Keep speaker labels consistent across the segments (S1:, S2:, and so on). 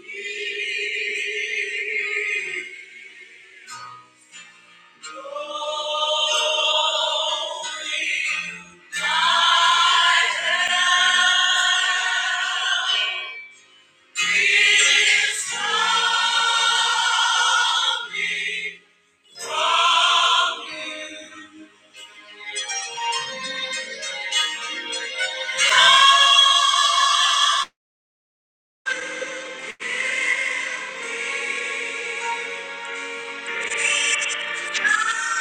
S1: We all belong to you.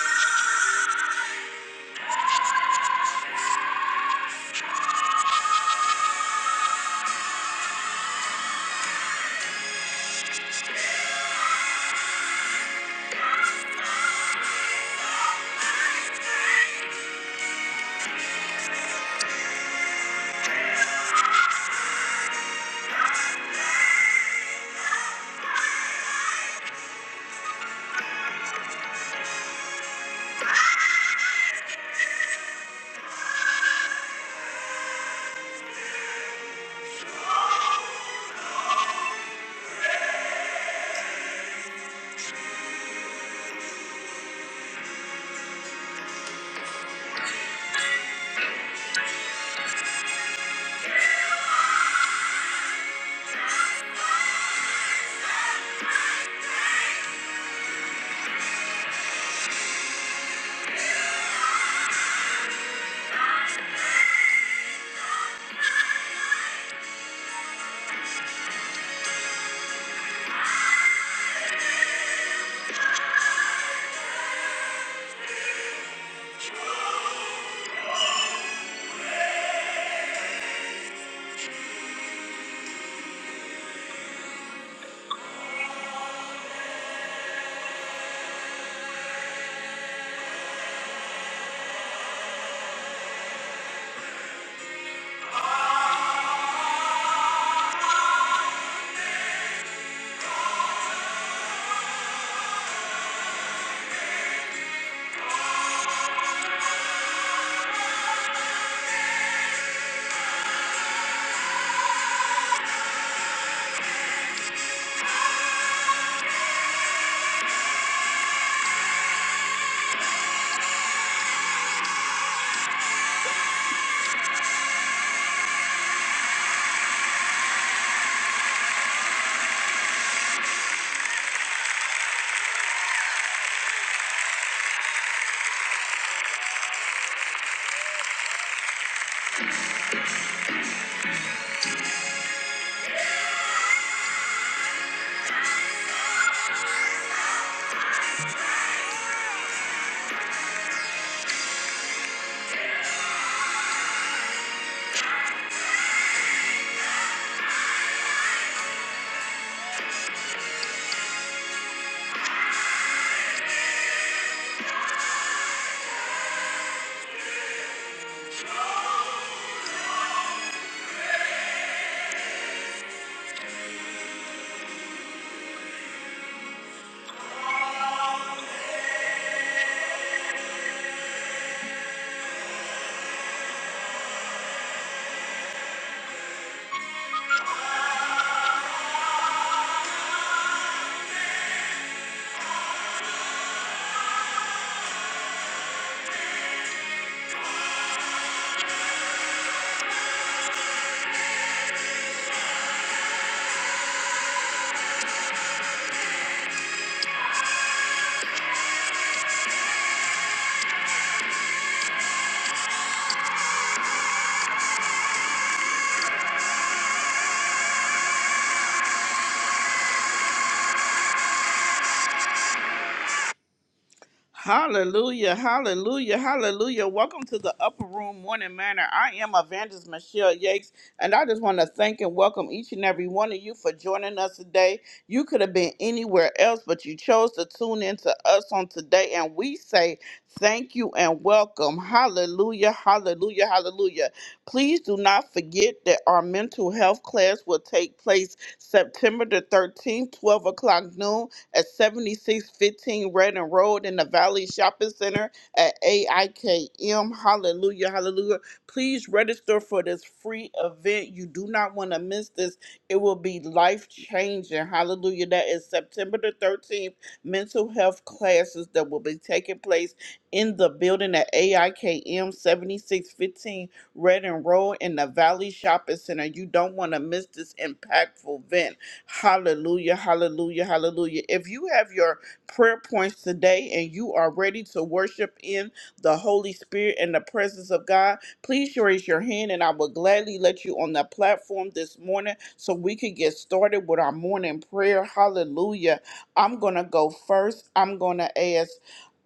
S1: Hallelujah, hallelujah, hallelujah. Welcome to the Upper Room Morning Manor. I am Evangelist Michelle Yakes, and I just want to thank and welcome each and every one of you for joining us today. You could have been anywhere else, but you chose to tune in to us on today, and we say thank you and welcome. Hallelujah, hallelujah, hallelujah. Please do not forget that our mental health class will take place September the 13th, 12 o'clock noon at 7615 Redden Road in the Valley Shopping Center at AIKM. Hallelujah, hallelujah. Please register for this free event. You do not want to miss this. It will be life changing. Hallelujah. That is September the 13th. Mental health classes that will be taking place in the building at AIKM 7615 Redden Road in the Valley Shopping Center. You don't want to miss this impactful event. Hallelujah, hallelujah, hallelujah. If you have your prayer points today and you are ready to worship in the Holy Spirit and the presence of God, please raise your hand and I will gladly let you on the platform this morning so we can get started with our morning prayer. Hallelujah. I'm going to go first. I'm going to ask.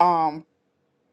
S1: um.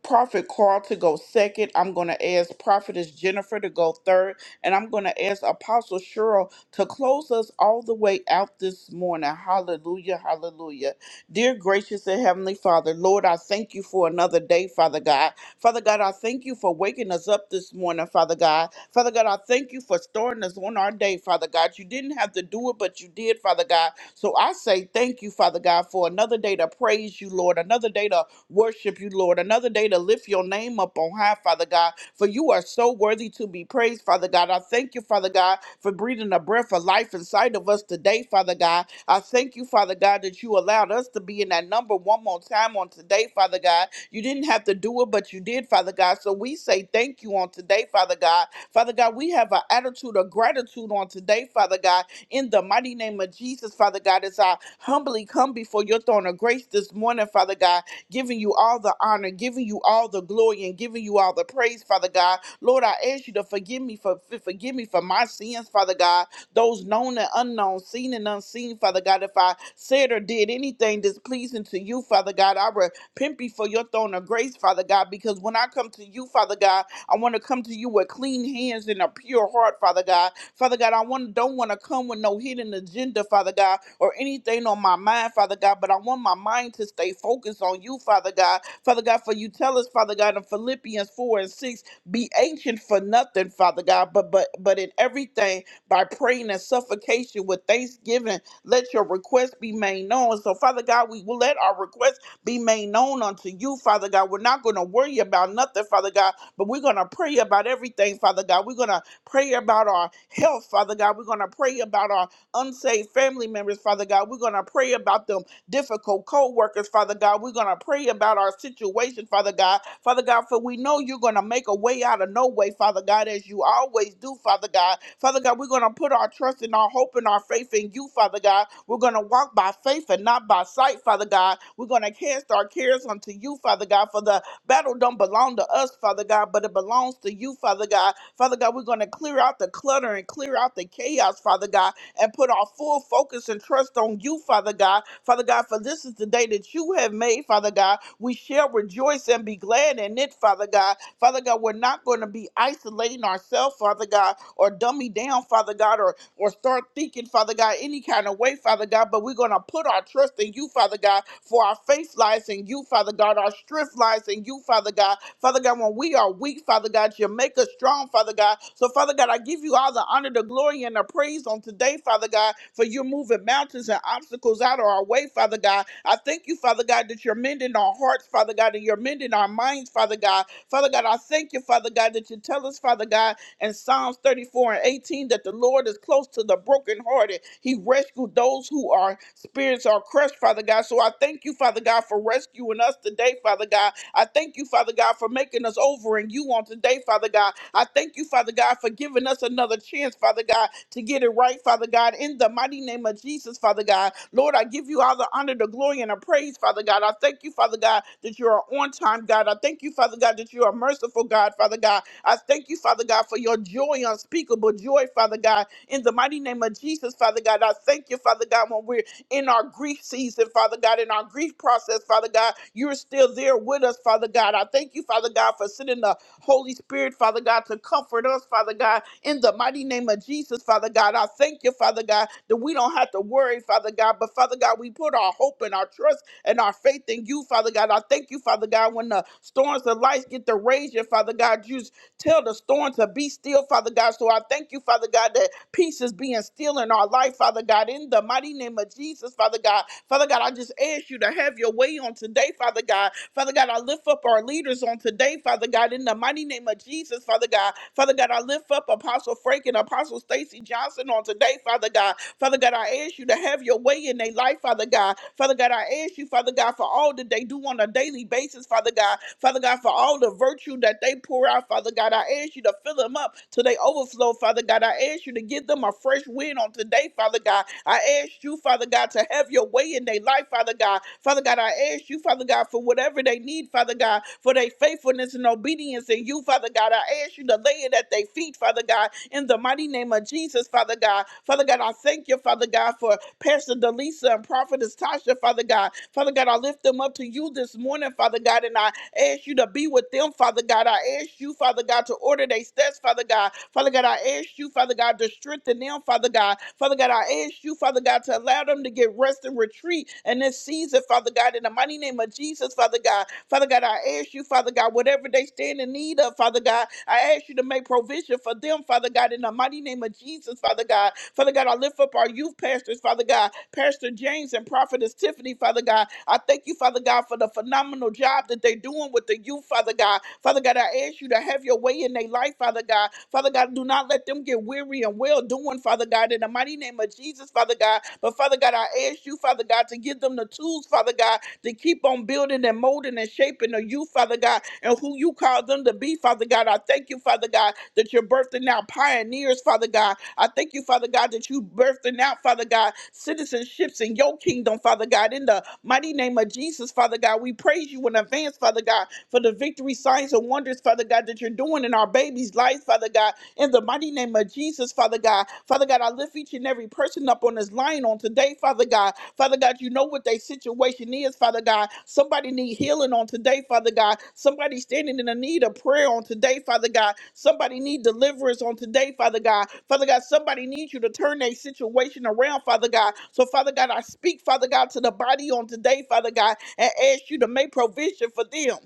S1: Prophet Carl to go second. I'm going to ask Prophetess Jennifer to go third. And I'm going to ask Apostle Cheryl to close us all the way out this morning. Hallelujah, hallelujah. Dear gracious and heavenly Father, Lord, I thank you for another day, Father God. Father God, I thank you for waking us up this morning, Father God. Father God, I thank you for starting us on our day, Father God. You didn't have to do it, but you did, Father God. So I say thank you, Father God, for another day to praise you, Lord, another day to worship you, Lord. Another day to lift your name up on high, Father God, for you are so worthy to be praised, Father God. I thank you, Father God, for breathing a breath of life inside of us today, Father God. I thank you, Father God, that you allowed us to be in that number one more time on today, Father God. You didn't have to do it, but you did, Father God. So we say thank you on today, Father God. Father God, we have an attitude of gratitude on today, Father God. In the mighty name of Jesus, Father God, as I humbly come before your throne of grace this morning, Father God, giving you all the honor, giving you all the glory, and giving you all the praise, Father God. Lord, I ask you to forgive me for for- forgive me for my sins, Father God. Those known and unknown, seen and unseen, Father God. If I said or did anything displeasing to you, Father God, I repent before your throne of grace, Father God. Because when I come to you, Father God, I want to come to you with clean hands and a pure heart, Father God. Father God, I want, don't want to come with no hidden agenda, Father God, or anything on my mind, Father God, but I want my mind to stay focused on you, Father God. Father God, for you tell us, Father God, in Philippians 4 and 6, be ancient for nothing, Father God, but but but in everything by praying and suffocation with thanksgiving, let your request be made known. So, Father God, we will let our request be made known unto you, Father God. We're not going to worry about nothing, Father God, but we're going to pray about everything, Father God. We're going to pray about our health, Father God. We're going to pray about our unsaved family members, Father God. We're going to pray about them difficult co workers, Father God. We're going to pray about our situation, Father God. Father God, for we know you're going to make a way out of no way, Father God, as you always do, Father God. Father God, we're going to put our trust and our hope and our faith in you, Father God. We're going to walk by faith and not by sight, Father God. We're going to cast our cares unto you, Father God, for the Battle don't belong to us, Father God, but it belongs to you, Father God. Father God, we're going to clear out the clutter and clear out the chaos, Father God, and put our full focus and trust on you, Father God. Father God, for this is the day that you have made, Father God. We shall rejoice and be glad in it, Father God. Father God, we're not going to be isolating ourselves, Father God, or dummy down, Father God, or or start thinking, Father God, any kind of way, Father God, but we're going to put our trust in you, Father God, for our faith lies in you, Father God, our strength lies in you, Father God. Father God, when we are weak, Father God, you make us strong, Father God. So, Father God, I give you all the honor, the glory, and the praise on today, Father God, for you're moving mountains and obstacles out of our way, Father God. I thank you, Father God, that you're mending our hearts, Father God, and you're mending our minds, Father God. Father God, I thank you, Father God, that you tell us, Father God, and Psalms 34 and 18 that the Lord is close to the brokenhearted. He rescued those who are spirits are crushed, Father God. So I thank you, Father God, for rescuing us today, Father God. I thank you, Father God, for making us over in you on today, Father God. I thank you, Father God, for giving us another chance, Father God, to get it right, Father God, in the mighty name of Jesus, Father God. Lord, I give you all the honor, the glory, and the praise, Father God. I thank you, Father God, that you are on time, God. I thank you, Father God, that you are merciful, God, Father God. I thank you, Father God, for your joy, unspeakable joy, Father God. In the mighty name of Jesus, Father God, I thank you, Father God, when we're in our grief season, Father God, in our grief process, Father God, you're still there with us, Father God. I thank you, Father God, for sending the Holy Spirit, Father God, to comfort us, Father God, in the mighty name of Jesus, Father God. I thank you, Father God, that we don't have to worry, Father God, but Father God, we put our hope and our trust and our faith in you, Father God. I thank you, Father God, when the storms of life get to raging, Father God, you Tell the storm to be still, Father God. So I thank you, Father God, that peace is being still in our life, Father God, in the mighty name of Jesus, Father God. Father God, I just ask you to have your way on today, Father God. Father God, I lift up our leaders on today, Father God, in the mighty name of Jesus, Father God. Father God, I lift up Apostle Frank and Apostle Stacy Johnson on today, Father God. Father God, I ask you to have your way in their life, Father God. Father God, I ask you, Father God, for all that they do on a daily basis, Father God. Father God, for all the virtue virtue that they pour out, Father God. I ask you to fill them up till they overflow, Father God. I ask you to give them a fresh wind on today, Father God. I ask you, Father God, to have your way in their life, Father God. Father God, I ask you, Father God, for whatever they need, Father God, for their faithfulness and obedience in you, Father God. I ask you to lay it at their feet, Father God, in the mighty name of Jesus, Father God. Father God, I thank you, Father God, for Pastor Delisa and Prophetess Tasha, Father God. Father God, I lift them up to you this morning, Father God, and I I ask you to be with them, Father God. I ask you, Father God, to order their steps, Father God. Father God, I ask you, Father God, to strengthen them, Father God. Father God, I ask you, Father God, to allow them to get rest and retreat in this season, Father God, in the mighty name of Jesus, Father God. Father God, I ask you, Father God, whatever they stand in need of, Father God, I ask you to make provision for them, Father God, in the mighty name of Jesus. Jesus, Father God. Father God, I lift up our youth pastors, Father God, Pastor James and Prophetess Tiffany, Father God. I thank you, Father God, for the phenomenal job that they're doing with the youth, Father God. Father God, I ask you to have your way in their life, Father God. Father God, do not let them get weary and well doing, Father God, in the mighty name of Jesus, Father God. But Father God, I ask you, Father God, to give them the tools, Father God, to keep on building and molding and shaping of you, Father God, and who you call them to be, Father God. I thank you, Father God, that you're birthing out pioneers, Father God. I thank you, Father God, that you birthing out, Father God, citizenships in your kingdom, Father God. In the mighty name of Jesus, Father God, we praise you in advance, Father God, for the victory, signs, and wonders, Father God, that you're doing in our babies' lives, Father God in the mighty name of Jesus, Father God. Father God, I lift each and every person up on this line on today, Father God. Father God, you know what their situation is, Father God. Somebody need healing on today, Father God. Somebody standing in the need of prayer on today, Father God. Somebody need deliverance on today, Father God. Father God, somebody needs you to turn their situation around, Father God. So, Father God, I speak, Father God, to the body on today, Father God, and ask you to make provision for them.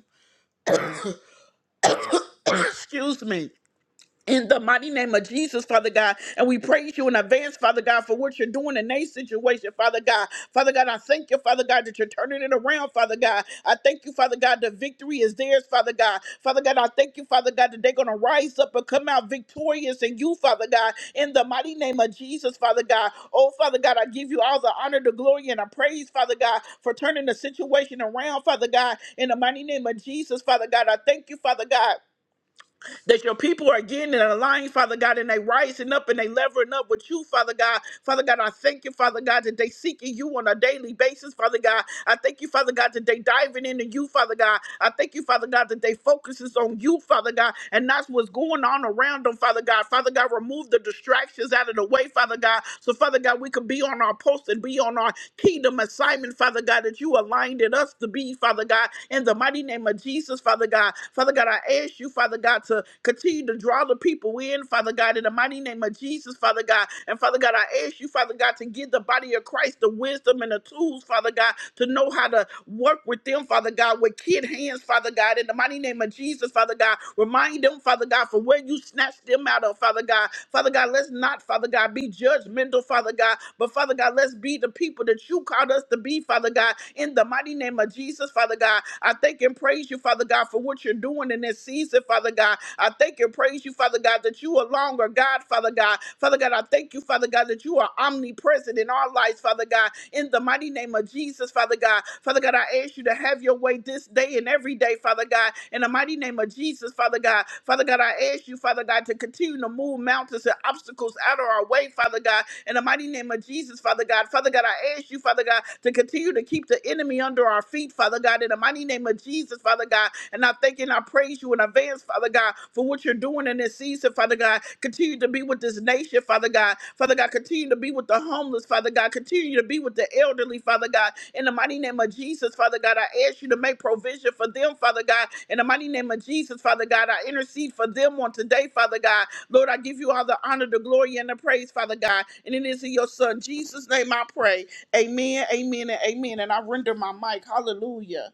S1: Excuse me. in the mighty name of Jesus, Father God. And we praise you in advance, Father God, for what you're doing in their situation, Father God. Father God, I thank you, Father God, that you're turning it around, Father God. I thank you, Father God, the victory is theirs, Father God. Father God, I thank you, Father God, that they're going to rise up and come out victorious in you, Father God, in the mighty name of Jesus, Father God. Oh, Father God, I give you all the honor, the glory, and I praise, Father God, for turning the situation around, Father God, in the mighty name of Jesus, Father God. I thank you, Father God that your people are getting in a Father God, and they rising up and they levering up with you, Father God. Father God, I thank you, Father God, that they seeking you on a daily basis, Father God. I thank you, Father God, that they diving into you, Father God. I thank you, Father God, that they focuses on you, Father God, and that's what's going on around them, Father God. Father God, remove the distractions out of the way, Father God. So, Father God, we could be on our post and be on our kingdom assignment, Father God, that you aligned in us to be, Father God, in the mighty name of Jesus, Father God. Father God, I ask you, Father God, to continue to draw the people in, Father God, in the mighty name of Jesus, Father God. And Father God, I ask you, Father God, to give the body of Christ the wisdom and the tools, Father God, to know how to work with them, Father God, with kid hands, Father God, in the mighty name of Jesus, Father God. Remind them freedom, Father God, for where you snatched them out of, Father God. Father God, let's not, Father God, be judgmental, Father God, but Father God, let's be the people that you called us to be, Father God, in the mighty name of Jesus, Father God. I thank and praise you, Father God, for what you're doing in this season, Father God. I thank and praise you, Father God, that you are longer, God, Father God. Father God, I thank you, Father God, that you are omnipresent in our lives, Father God in the mighty name of Jesus, Father God. Father God, I ask you to have your way this day and every day, Father God, in the mighty name of Jesus, Father God. Father God, I ask you, Father God, to continue to move mountains and obstacles out of our way, Father God, in the mighty name of Jesus, Father God. Father God, I ask you, Father God, to continue to keep the enemy under our feet, Father God, in the mighty name of Jesus, Father God. And I thank and I praise you in advance, Father God, for what you're doing in this season, Father God. Continue to be with this nation, Father God. Father God, continue to be with the homeless, Father God, continue to be with the elderly, Father God. In the mighty name of Jesus, Father God, I ask you to make provision for them, Father God. In the mighty name of Jesus, Father God, I intercede for them on today, Father God. Lord, I give you all the honor, the glory, and the praise, Father God. And it is in your Son, Jesus' name, I pray. Amen, amen, and amen. And I render my mic. Hallelujah.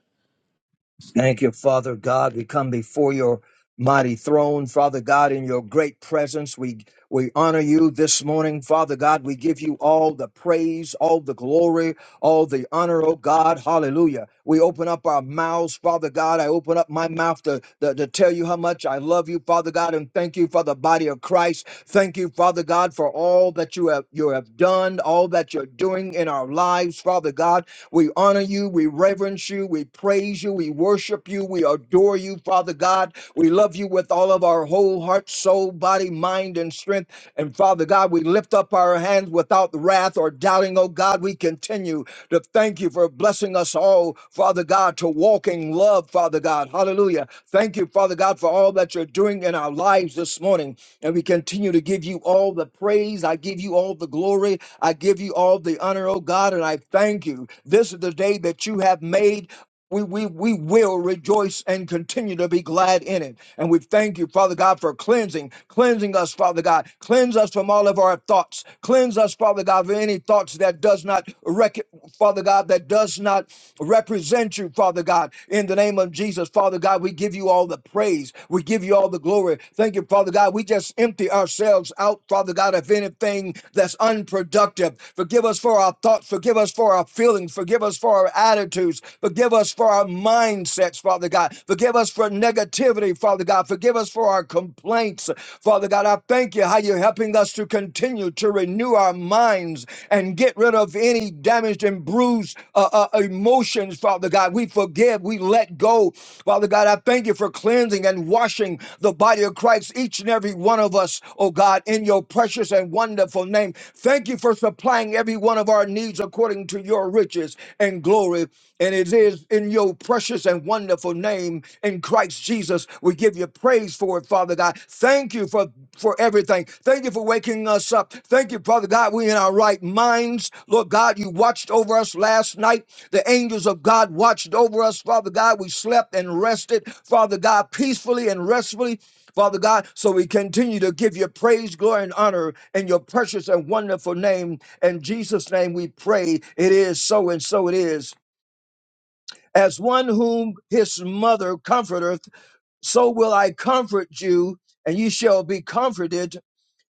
S2: Thank you, Father God. We come before your mighty throne, Father God, in your great presence. We we honor you this morning, Father God. We give you all the praise, all the glory, all the honor, oh God. Hallelujah. We open up our mouths, Father God. I open up my mouth to, to, to tell you how much I love you, Father God, and thank you for the body of Christ. Thank you, Father God, for all that you have you have done, all that you're doing in our lives, Father God. We honor you. We reverence you. We praise you. We worship you. We adore you, Father God. We love you with all of our whole heart, soul, body, mind, and strength. And Father God, we lift up our hands without wrath or doubting. Oh God, we continue to thank you for blessing us all, Father God, to walk in love, Father God. Hallelujah. Thank you, Father God, for all that you're doing in our lives this morning. And we continue to give you all the praise. I give you all the glory. I give you all the honor, oh God, and I thank you. This is the day that you have made. We, we, we will rejoice and continue to be glad in it. And we thank you, Father God, for cleansing, cleansing us, Father God. Cleanse us from all of our thoughts. Cleanse us, Father God, of any thoughts that does not, rec- Father God, that does not represent you, Father God, in the name of Jesus. Father God, we give you all the praise. We give you all the glory. Thank you, Father God. We just empty ourselves out, Father God, of anything that's unproductive. Forgive us for our thoughts. Forgive us for our feelings. Forgive us for our attitudes. Forgive us for our mindsets, Father God. Forgive us for negativity, Father God. Forgive us for our complaints, Father God. I thank you how you're helping us helping us to continue to renew our minds and get rid of any damaged and bruised uh, uh, emotions, Father God. We forgive, we let go. Father God, I thank you for cleansing and washing the body of Christ, each and every one of us, oh God, in your precious and wonderful name. Thank you for supplying every one of our needs according to your riches and glory. And it is in your precious and wonderful wonderful name in Christ Jesus. We give you praise for it, Father God. Thank you for, for everything. Thank you for waking us up. Thank you, Father God. We in our right minds. Lord God, you watched over us last night. The angels of God watched over us, Father God. We slept and rested, Father God, peacefully and restfully. Father God, so we continue to give you praise, glory, and honor in your precious and wonderful name. In Jesus' name we pray. It is so and so it is. As one whom his mother comforteth, so will I comfort you, and ye shall be comforted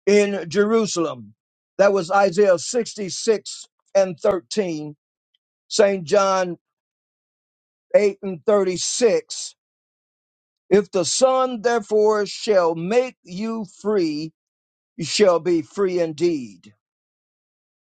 S2: in Jerusalem. That was Isaiah 66 and 13, St. John 8 and 36. If the Son therefore shall make you free, you shall be free indeed.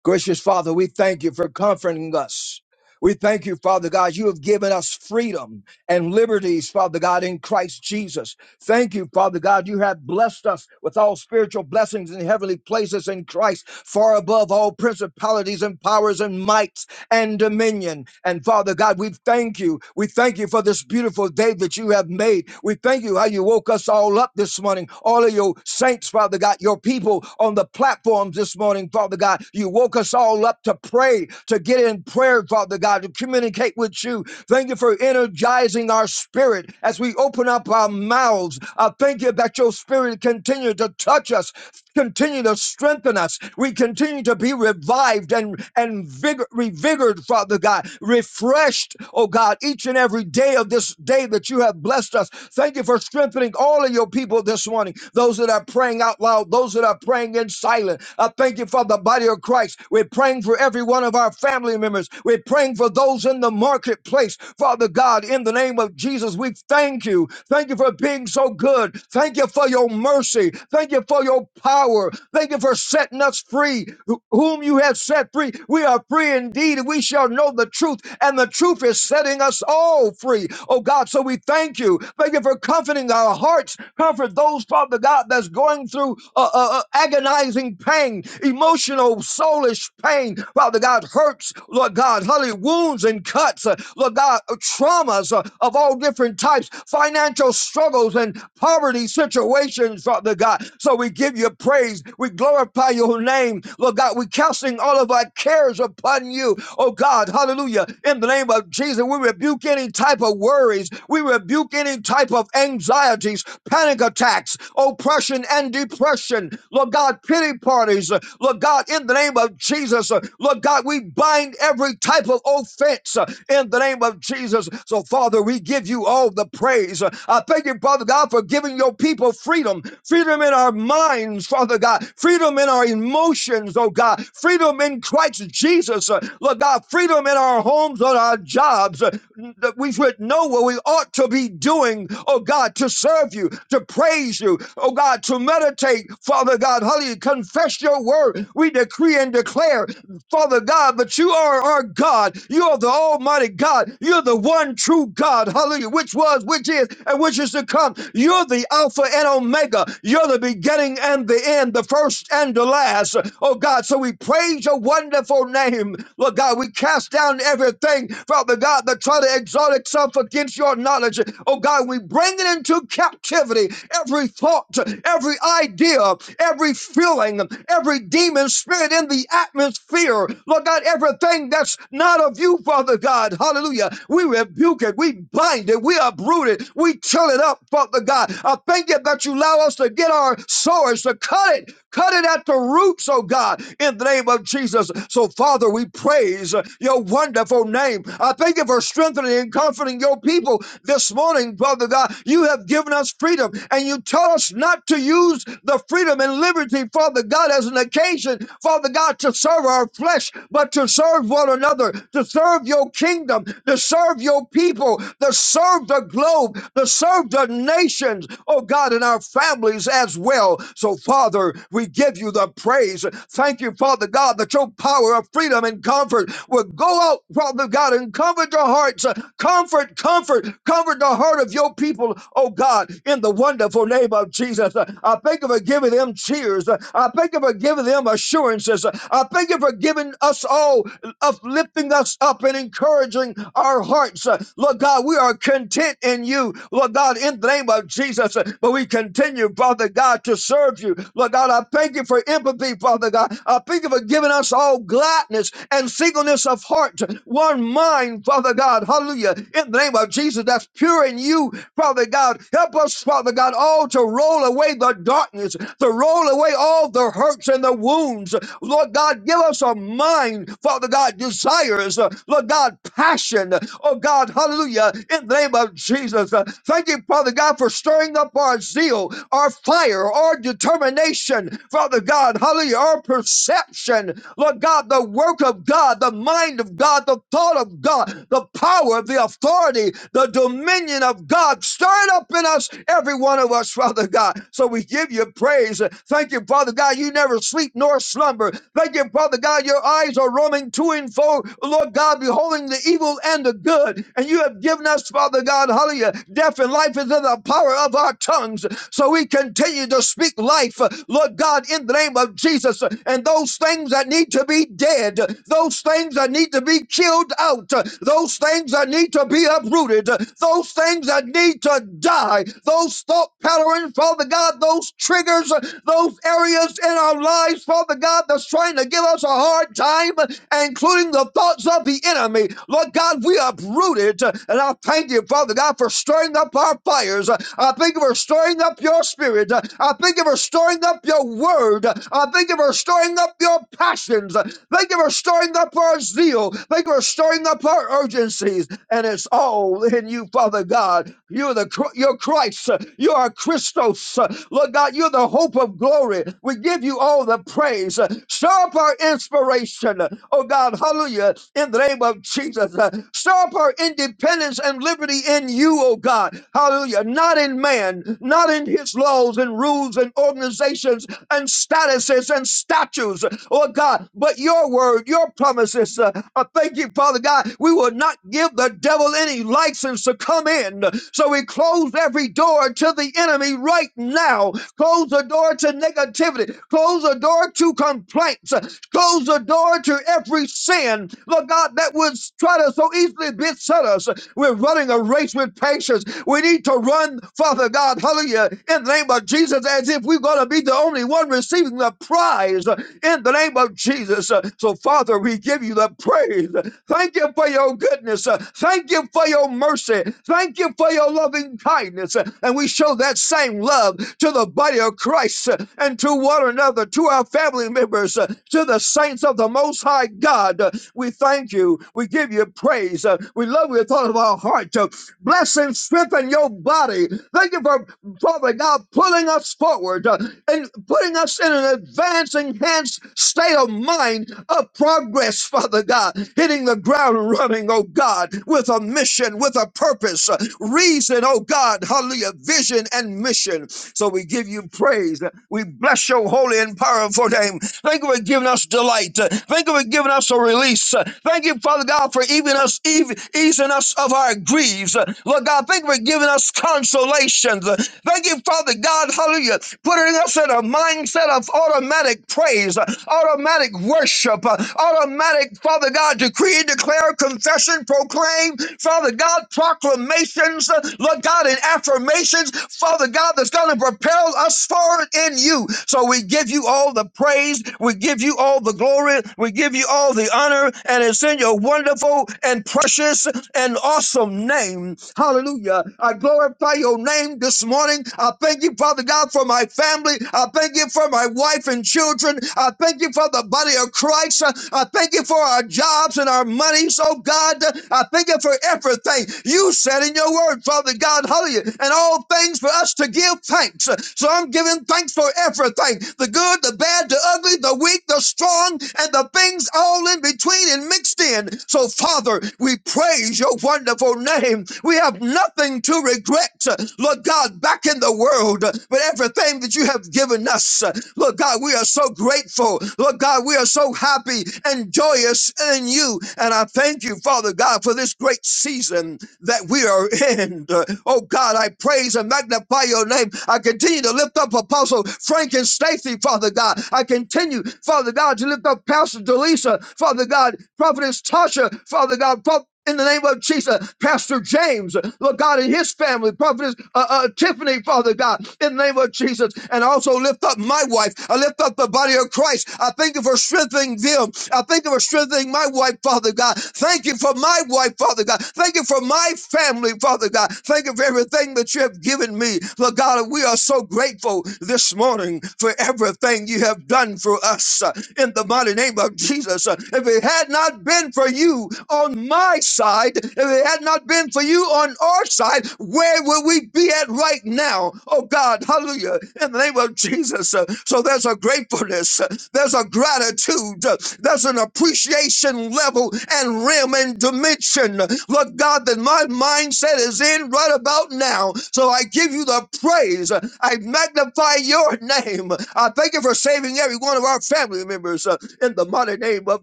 S2: Gracious Father, we thank you for comforting us. We thank you, Father God. You have given us freedom and liberties, Father God, in Christ Jesus. Thank you, Father God. You have blessed us with all spiritual blessings in heavenly places in Christ, far above all principalities and powers and might and dominion. And Father God, we thank you. We thank you for this beautiful day that you have made. We thank you how you woke us all up this morning. All of your saints, Father God, your people on the platforms this morning, Father God, you woke us all up to pray, to get in prayer, Father God, to communicate with you. Thank you for energizing our spirit as we open up our mouths. I thank you that your spirit continue to touch us continue to strengthen us. We continue to be revived and, and vigor, revigored, Father God, refreshed, oh God, each and every day of this day that you have blessed us. Thank you for strengthening all of your people this morning, those that are praying out loud, those that are praying in silence. I thank you for the body of Christ. We're praying for every one of our family members. We're praying for those in the marketplace. Father God, in the name of Jesus, we thank you. Thank you for being so good. Thank you for your mercy. Thank you for for your power. Thank you for setting us free. Wh- Whom you have set free, we are free indeed. We shall know the truth, and the truth is setting us all free. Oh God, so we thank you. Thank you for comforting our hearts. Comfort those, Father God, that's going through uh, uh, uh, agonizing pain, emotional, soulish pain. Father God, hurts, Lord God, hallelujah, wounds and cuts, uh, Lord God, uh, traumas uh, of all different types, financial struggles and poverty situations, Father God. God. So we give you praise. We glorify your name, Lord God. We're casting all of our cares upon you, oh God. Hallelujah. In the name of Jesus, we rebuke any type of worries. We rebuke any type of anxieties, panic attacks, oppression and depression. Lord God, pity parties. Uh, Lord God, in the name of Jesus, uh, Lord God, we bind every type of offense uh, in the name of Jesus. So, Father, we give you all the praise. Uh, I thank you, Father God, for giving your people freedom freedom, freedom in our minds, Father God, freedom in our emotions, oh God, freedom in Christ Jesus, uh, Lord God, freedom in our homes, on our jobs, uh, that we should know what we ought to be doing, oh God, to serve you, to praise you, oh God, to meditate, Father God, hallelujah, confess your word. We decree and declare Father God, that you are our God. You are the Almighty God. You're the one true God. Hallelujah. Which was, which is, and which is to come. You're the Alpha Alpha and Omega. You're the beginning and the end, the first and the last. Oh God, so we praise your wonderful name. Lord God, we cast down everything, Father God, that try to exalt itself against your knowledge. Oh God, we bring it into captivity every thought, every idea, every feeling, every demon spirit in the atmosphere. Lord God, everything that's not of you, Father God. Hallelujah. We rebuke it. We bind it. We uproot it. We till it up, Father God. I thank you that you allow us to get our swords to cut it, cut it at the roots, oh God, in the name of Jesus. So, Father, we praise your wonderful name. I thank you for strengthening and comforting your people this morning, Father God. You have given us freedom, and you tell us not to use the freedom and liberty, Father God, as an occasion, Father God, to serve our flesh, but to serve one another, to serve your kingdom, to serve your people, to serve the globe, to serve the nations, oh God, and our families as well. So, Father, we give you the praise. Thank you, Father God, that your power of freedom and comfort will go out, Father God, and comfort your hearts. Comfort, comfort, comfort the heart of your people, oh God, in the wonderful name of Jesus. I thank you for giving them cheers. I thank you for giving them assurances. I thank you for giving us all uplifting us up and encouraging our hearts. Uh, Lord God, we are content in you. Lord Lord God, in the name of Jesus. But we continue, Father God, to serve you. Lord God, I thank you for empathy, Father God. I thank you for giving us all gladness and singleness of heart, one mind, Father God. Hallelujah. In the name of Jesus, that's pure in you, Father God. Help us, Father God, all to roll away the darkness, to roll away all the hurts and the wounds. Lord God, give us a mind, Father God, desires, uh, Lord God, passion. Oh God, hallelujah. In the name of Jesus. Jesus. Uh, Thank you, Father God, for stirring up our zeal, our fire, our determination, Father God. Hallelujah. Our perception, Lord God, the work of God, the mind of God, the thought of God, the power, of the authority, the dominion of God. Stir it up in us, every one of us, Father God. So we give you praise. Thank you, Father God. You never sleep nor slumber. Thank you, Father God. Your eyes are roaming to and fro, Lord God, beholding the evil and the good. And you have given us, Father God. God, hallelujah. Death and life is in the power of our tongues. So we continue to speak life, uh, Lord God, in the name of Jesus. And those things that need to be dead, uh, those things that need to be killed out, uh, those things that need to be uprooted, uh, those things that need to die, those thought patterns, Father God, those triggers, uh, those areas in our lives, Father God, that's trying to give us a hard time, uh, including the thoughts of the enemy. Lord God, we uprooted, and I I thank you, Father God, for stirring up our fires. I thank you for stirring up your spirit. I thank you for stirring up your word. I thank you for stirring up your passions. Thank you for stirring up our zeal. Thank you for stirring up our urgencies. And it's all in you, Father God. You're the Chr- you're Christ. You are Christos. Lord God, you're the hope of glory. We give you all the praise. Stir up our inspiration. Oh God, hallelujah. In the name of Jesus. Stir up our individuality dependence and liberty in you, oh God. Hallelujah. Not in man, not in his laws and rules and organizations and statuses and statutes, oh God, but your word, your promises. Uh, I thank you, Father God. We will not give the devil any license to come in. So we close every door to the enemy right now. Close the door to negativity. Close the door to complaints. Close the door to every sin, Lord God, that would try to so easily it bits us. We're running a race with patience. We need to run, Father God, hallelujah, in the name of Jesus, as if we're going to be the only one receiving the prize uh, in the name of Jesus. Uh, So, Father, we give you the praise. Thank you for your goodness. Uh, Thank you for your mercy. Thank you for your loving kindness. Uh, And we show that same love to the body of Christ uh, and to one another, to our family members, uh, to the saints of the Most High God. Uh, We thank you. We give you praise praise. Uh, we love you with all of our heart. Uh, bless and strengthen your body. Thank you for, Father God, pulling us forward uh, and putting us in an advanced, enhanced state of mind of progress, Father God. Hitting the ground running, oh God, with a mission, with a purpose, uh, reason, oh God. Hallelujah. Vision and mission. So we give you praise. We bless your holy and powerful name. Thank you for giving us delight. Thank you for giving us a release. Thank you, Father. God, for even us, even, easing us of our griefs. Lord God, thank you for giving us consolations. Thank you, Father God, hallelujah, putting us in a mindset of automatic praise, automatic worship, automatic, Father God, decree, declare, confession, proclaim, Father God, proclamations, Lord God, and affirmations, Father God, that's going to propel us forward in you. So we give you all the praise, we give you all the glory, we give you all the honor, and it's it's in your wonderful and precious and awesome name. Hallelujah. I glorify your name this morning. I thank you, Father God, for my family. I thank you for my wife and children. I thank you for the body of Christ. I thank you for our jobs and our monies, oh God. I thank you for everything you said in your word, Father God. Hallelujah. And all things for us to give thanks. So I'm giving thanks for everything the good, the bad, the ugly, the weak, the strong, and the things all in between clean and mixed in. So, Father, we praise your wonderful name. We have nothing to regret, Lord God, back in the world, but everything that you have given us. Lord God, we are so grateful. Lord God, we are so happy and joyous in you. And I thank you, Father God, for this great season that we are in. Oh God, I praise and magnify your name. I continue to lift up Apostle Frank and Stacy, Father God. I continue, Father God, to lift up Pastor Delisa Tasha, Father God, Prophetess Tasha, Father God, Pro- in the name of Jesus, Pastor James, Lord God, and his family, Prophetess uh, uh, Tiffany, Father God, in the name of Jesus, and also lift up my wife. I lift up the body of Christ. I thank you for strengthening them. I thank you for strengthening my wife, Father God. Thank you for my wife, Father God. Thank you for my family, Father God. Thank you for everything that you have given me. Lord God, And we are so grateful this morning for everything you have done for us. Uh, In the mighty name of of Jesus. Uh, If it had not been for you on my side, if it had not been for you on our side, where would we be at right now? Oh God, hallelujah, in the name of Jesus. Uh, So there's a gratefulness, uh, there's a gratitude, uh, there's an appreciation level and realm and dimension, uh, Lord God, that my mindset is in right about now. So I give you the praise. uh, I magnify your name. uh, I thank you for saving every one of our family members. uh, in the mighty name of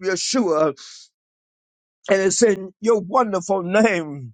S2: Yeshua. And it's in your wonderful name.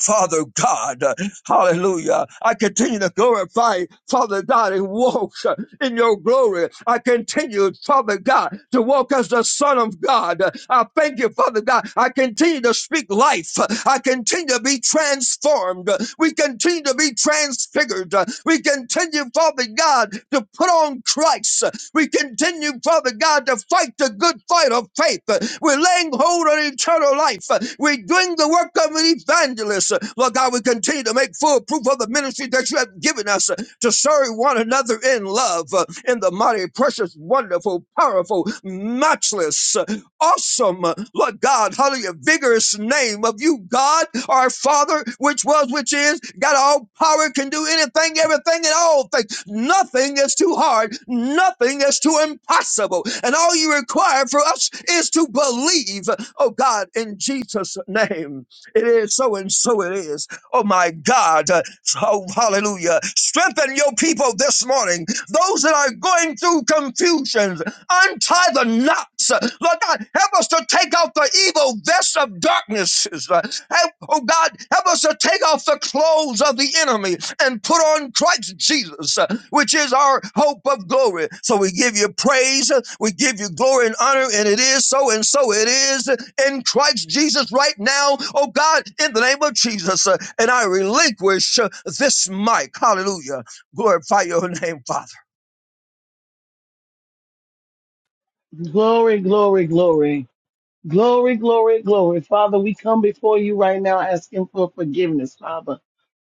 S2: Father God, hallelujah. I continue to glorify Father God and walk in your glory. I continue, Father God, to walk as the Son of God. I thank you, Father God. I continue to speak life. I continue to be transformed. We continue to be transfigured. We continue, Father God, to put on Christ. We continue, Father God, to fight the good fight of faith. We're laying hold on eternal life. We're doing the work of an evangelist. Lord God, we continue to make full proof of the ministry that you have given us to serve one another in love in the mighty, precious, wonderful, powerful, matchless awesome, uh, Lord God, hallelujah, vigorous name of you, God, our Father, which was, which is, got all power, can do anything, everything, and all things. Nothing is too hard, nothing is too impossible. And all you require for us is to believe, oh God, in Jesus' name. It is so, and so it is. Oh my God, uh, oh hallelujah. Strengthen your people this morning, those that are going through confusions. Untie the knots. Uh, Lord God, help us to take off the evil vest of darknesses. Uh, Help, oh God, help us to take off the clothes of the enemy and put on Christ Jesus, uh, which is our hope of glory. So we give you praise, uh, we give you glory and honor, and it is so, and so it is in Christ Jesus right now, oh God, in the name of Jesus. Uh, And I relinquish uh, this mic. Hallelujah. Glorify your name, Father.
S3: Glory, glory, glory. Glory, glory, glory. Father, we come before you right now asking for forgiveness, Father.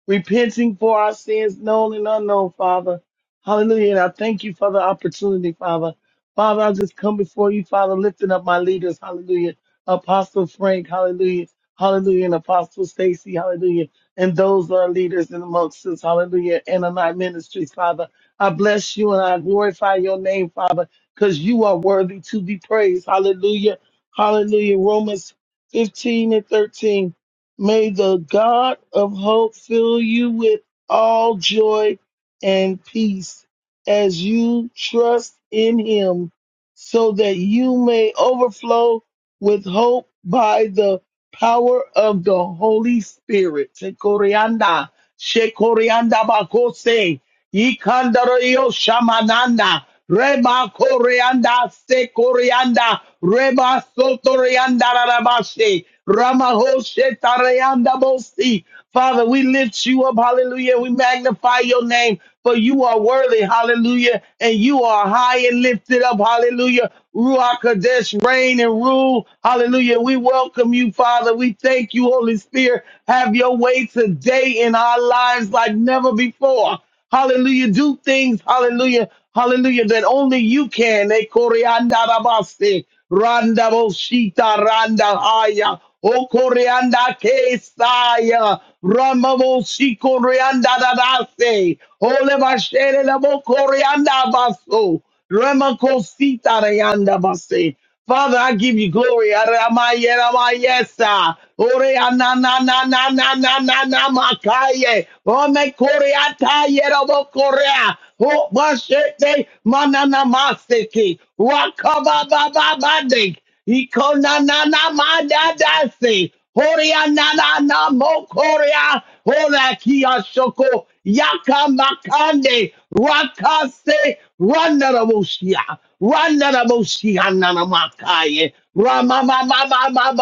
S3: Repenting for our sins, known and unknown, Father. Hallelujah. And I thank you for the opportunity, Father. Father, I just come before you, Father, lifting up my leaders. Hallelujah. Apostle Frank, hallelujah. Hallelujah. And Apostle Stacy, hallelujah. And those that are leaders in amongst us, hallelujah. And in our ministries, Father. I bless you and I glorify your name, Father, because you are worthy to be praised. Hallelujah. Hallelujah. Romans 15 and 13. May the God of hope fill you with all joy and peace as you trust in him, so that you may overflow with hope by the power of the Holy Spirit. Shekorianda, Shekorianda Bakose, Yikandario Shamananda, Reba Koreanda, Sekorianda, Reba Sotorianda Rabashe, Ramahoshe Tareanda Bosi, Father, we lift you up. Hallelujah. We magnify your name, for you are worthy. Hallelujah. And you are high and lifted up. Hallelujah. Ruach Kodesh, reign and rule. Hallelujah. We welcome you, Father. We thank you, Holy Spirit. Have your way today in our lives like never before. Hallelujah. Do things, hallelujah, hallelujah, that only you can. Eh, koreanda rabaste, Randa boshita randa haya. O koreanda kesaya. Rama boshi koreanda dadase. Ole bashere la bo koreanda baso. Rama kosita rayanda base. Father, I give you glory. Aramaya, ramayesa. Ore ana na na na na na na na makaye. Ome kore ataye robo korea. O bashete manana maseki. Wakaba baba Ikona na na ma da da se. Horia na na na mo koria. Hora kia shoko. Yaka makande. Rakase. Rana na moshia. Rana na moshia na makaye. Rama ma ma ma ma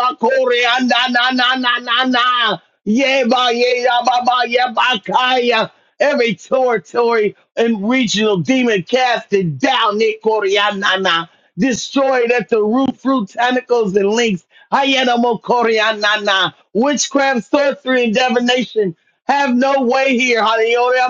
S3: na na na na na na. Yeba ye ya ba ye ba kaya every territory and regional demon casted down Nikorianana, destroyed at the root, fruit, tentacles, and links. Hayanamo Korianana, witchcraft, sorcery, and divination have no way here. Hallelujah.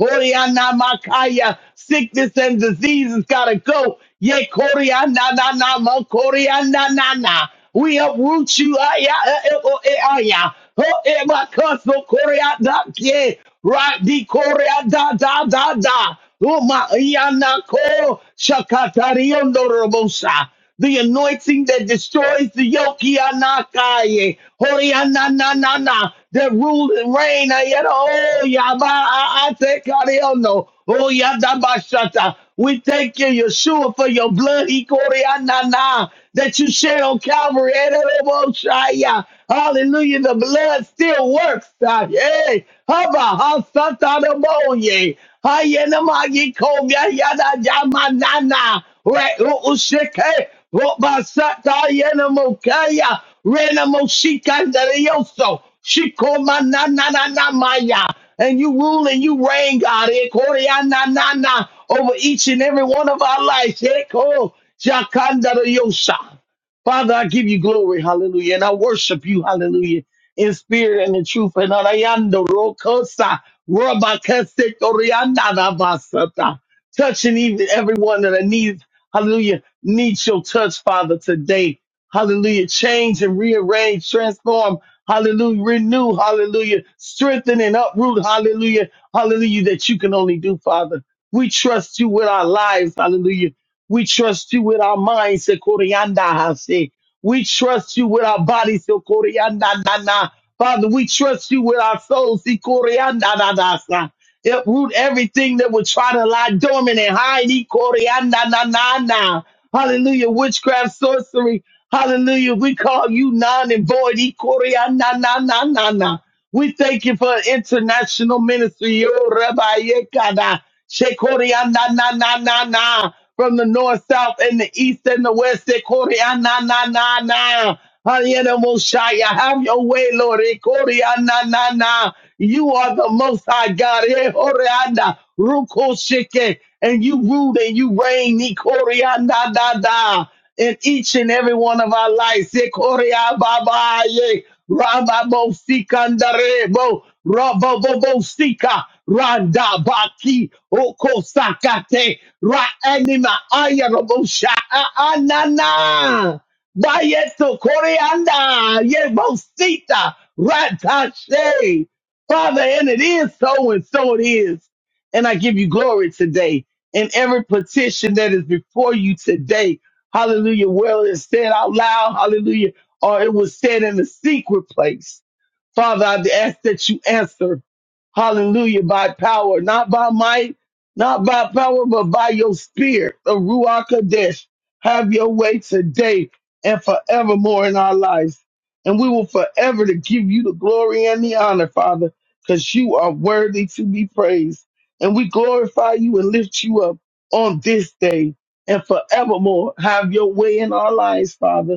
S3: Orianamakaya. Sickness and disease has got to go. Ye koriananana, koriananana. We uproot you. Aya, eh, eh, oh, eh, aya. Oh, eh, my cousin, koriada, yeah. Right, the koria da da da Oh, my iana ko shakatari ondorobosa the anointing that destroys the yoke, Yanakaye, Horiananana, that rule and reign, Ayana, oh, Yaba, I take Ariono, oh, Yadabashata. We thank you, Yeshua, for your blood, Ikorianana, that you shed on Calvary, Ereboshaya. Hallelujah, the blood still works. Ah, Yay, Haba, Hasata, the Moye, Hayenamagi, Kobia, Yada, Yamanana. Re- o- usheke, robasata yenemokaya, renemoshikandareyoso, shikomanananamaya. And you rule and you reign, God, ekoriananana, over each and every one of our lives. Eko shakandareyosa. Father, I give you glory, hallelujah, and I worship you, hallelujah, in spirit and in truth. And arayando rokosa, robakase, oriananabasata. touching even everyone that needs. Hallelujah. Needs your touch, Father, today. Hallelujah. Change and rearrange, transform. Hallelujah. Renew. Hallelujah. Strengthen and uproot. Hallelujah. Hallelujah. That you can only do, Father. We trust you with our lives. Hallelujah. We trust you with our minds. Sekoriandahase. We trust you with our bodies. Sekoriandanana. Father, we trust you with our souls. Sekoriandadadasa uproot everything that would try to lie dormant and hide. E corianda na na na. Hallelujah. Witchcraft, sorcery. Hallelujah. We call you non and void. E corianda na na na na. We thank you for international ministry. Yo, Rabbi Yekada. Shekoriana na na na na. From the north, south, and the east and the west. Shekoriana na na na. Hayana Moshaya, have your way, Lord. Ekoriana na na. You are the most high God. Ehoriana, Rukoshike. And you rule and you reign. Ekoriana da da. In each and every one of our lives. Ekoria Baba. Ramabo Sikandarebo Rabobo Sika Randa Baki Oko Sakate Ra Anima Ayarabo Sha Anana Bayeto Koreanda Yebo Sita Ratashe Father, and it is so, and so it is. And I give you glory today in every petition that is before you today. Hallelujah. Well, it's said out loud. Hallelujah or it was said in the secret place. Father, I ask that you answer, hallelujah, by power, not by might, not by power, but by your spirit, the Ruach Kadesh. Have your way today and forevermore in our lives. And we will forever to give you the glory and the honor, Father, because you are worthy to be praised. And we glorify you and lift you up on this day and forevermore. Have your way in our lives, Father.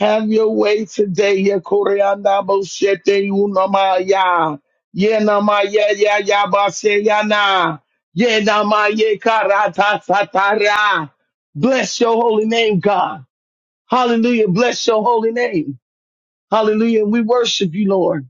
S3: Have your way today, ya koreanda boshete unamaya. Ye namaya ya ya bashe na. Ye namaye karata satara. Bless your holy name, God. Hallelujah. Bless your holy name. Hallelujah. And we worship you, Lord.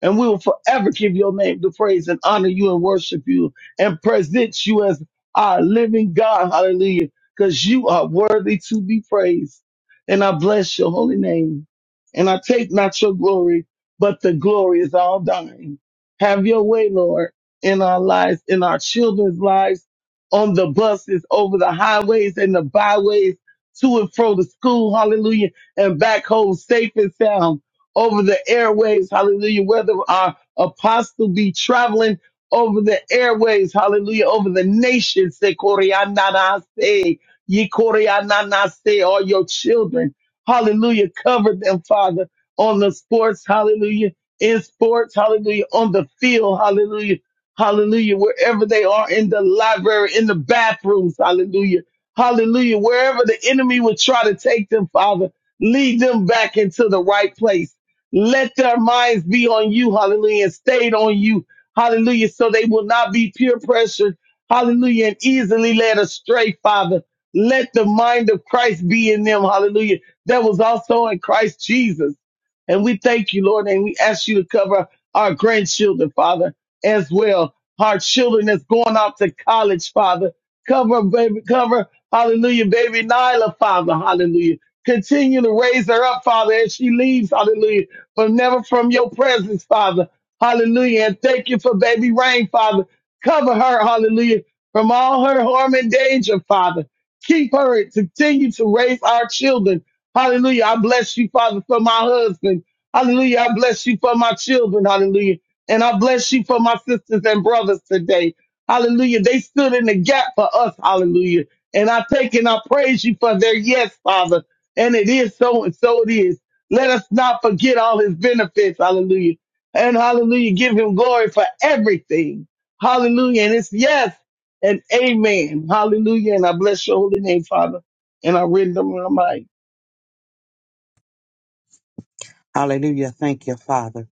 S3: And we will forever give your name the praise and honor you and worship you and present you as our living God. Hallelujah. Because you are worthy to be praised. And I bless your holy name. And I take not your glory, but the glory is all thine. Have your way, Lord, in our lives, in our children's lives, on the buses, over the highways and the byways, to and fro to school. Hallelujah. And back home safe and sound over the airways. Hallelujah. Whether our apostle be traveling over the airways. Hallelujah. Over the nations. Se koreanase, ye koreananase, All your children. Hallelujah. Cover them, Father, on the sports. Hallelujah. In sports. Hallelujah. On the field. Hallelujah. Hallelujah. Wherever they are in the library, in the bathrooms. Hallelujah. Hallelujah. Wherever the enemy would try to take them, Father, lead them back into the right place. Let their minds be on you, hallelujah, and stayed on you, hallelujah, so they will not be peer pressured, hallelujah, and easily led astray, Father. Let the mind of Christ be in them, hallelujah, that was also in Christ Jesus. And we thank you, Lord, and we ask you to cover our grandchildren, Father, as well. Our children that's going off to college, Father. Cover, baby, cover, hallelujah, baby Nyla, Father, hallelujah. Continue to raise her up, Father, as she leaves, hallelujah but never from your presence, Father. Hallelujah. And thank you for baby Rain, Father. Cover her, hallelujah, from all her harm and danger, Father. Keep her and continue to raise our children. Hallelujah. I bless you, Father, for my husband. Hallelujah. I bless you for my children. Hallelujah. And I bless you for my sisters and brothers today. Hallelujah. They stood in the gap for us. Hallelujah. And I take and I praise you for their yes, Father. And it is so and so it is. Let us not forget all his benefits. Hallelujah. And hallelujah. Give him glory for everything. Hallelujah. And it's yes and amen. Hallelujah. And I bless your holy name, Father. And I render my mind.
S4: Hallelujah. Thank you, Father.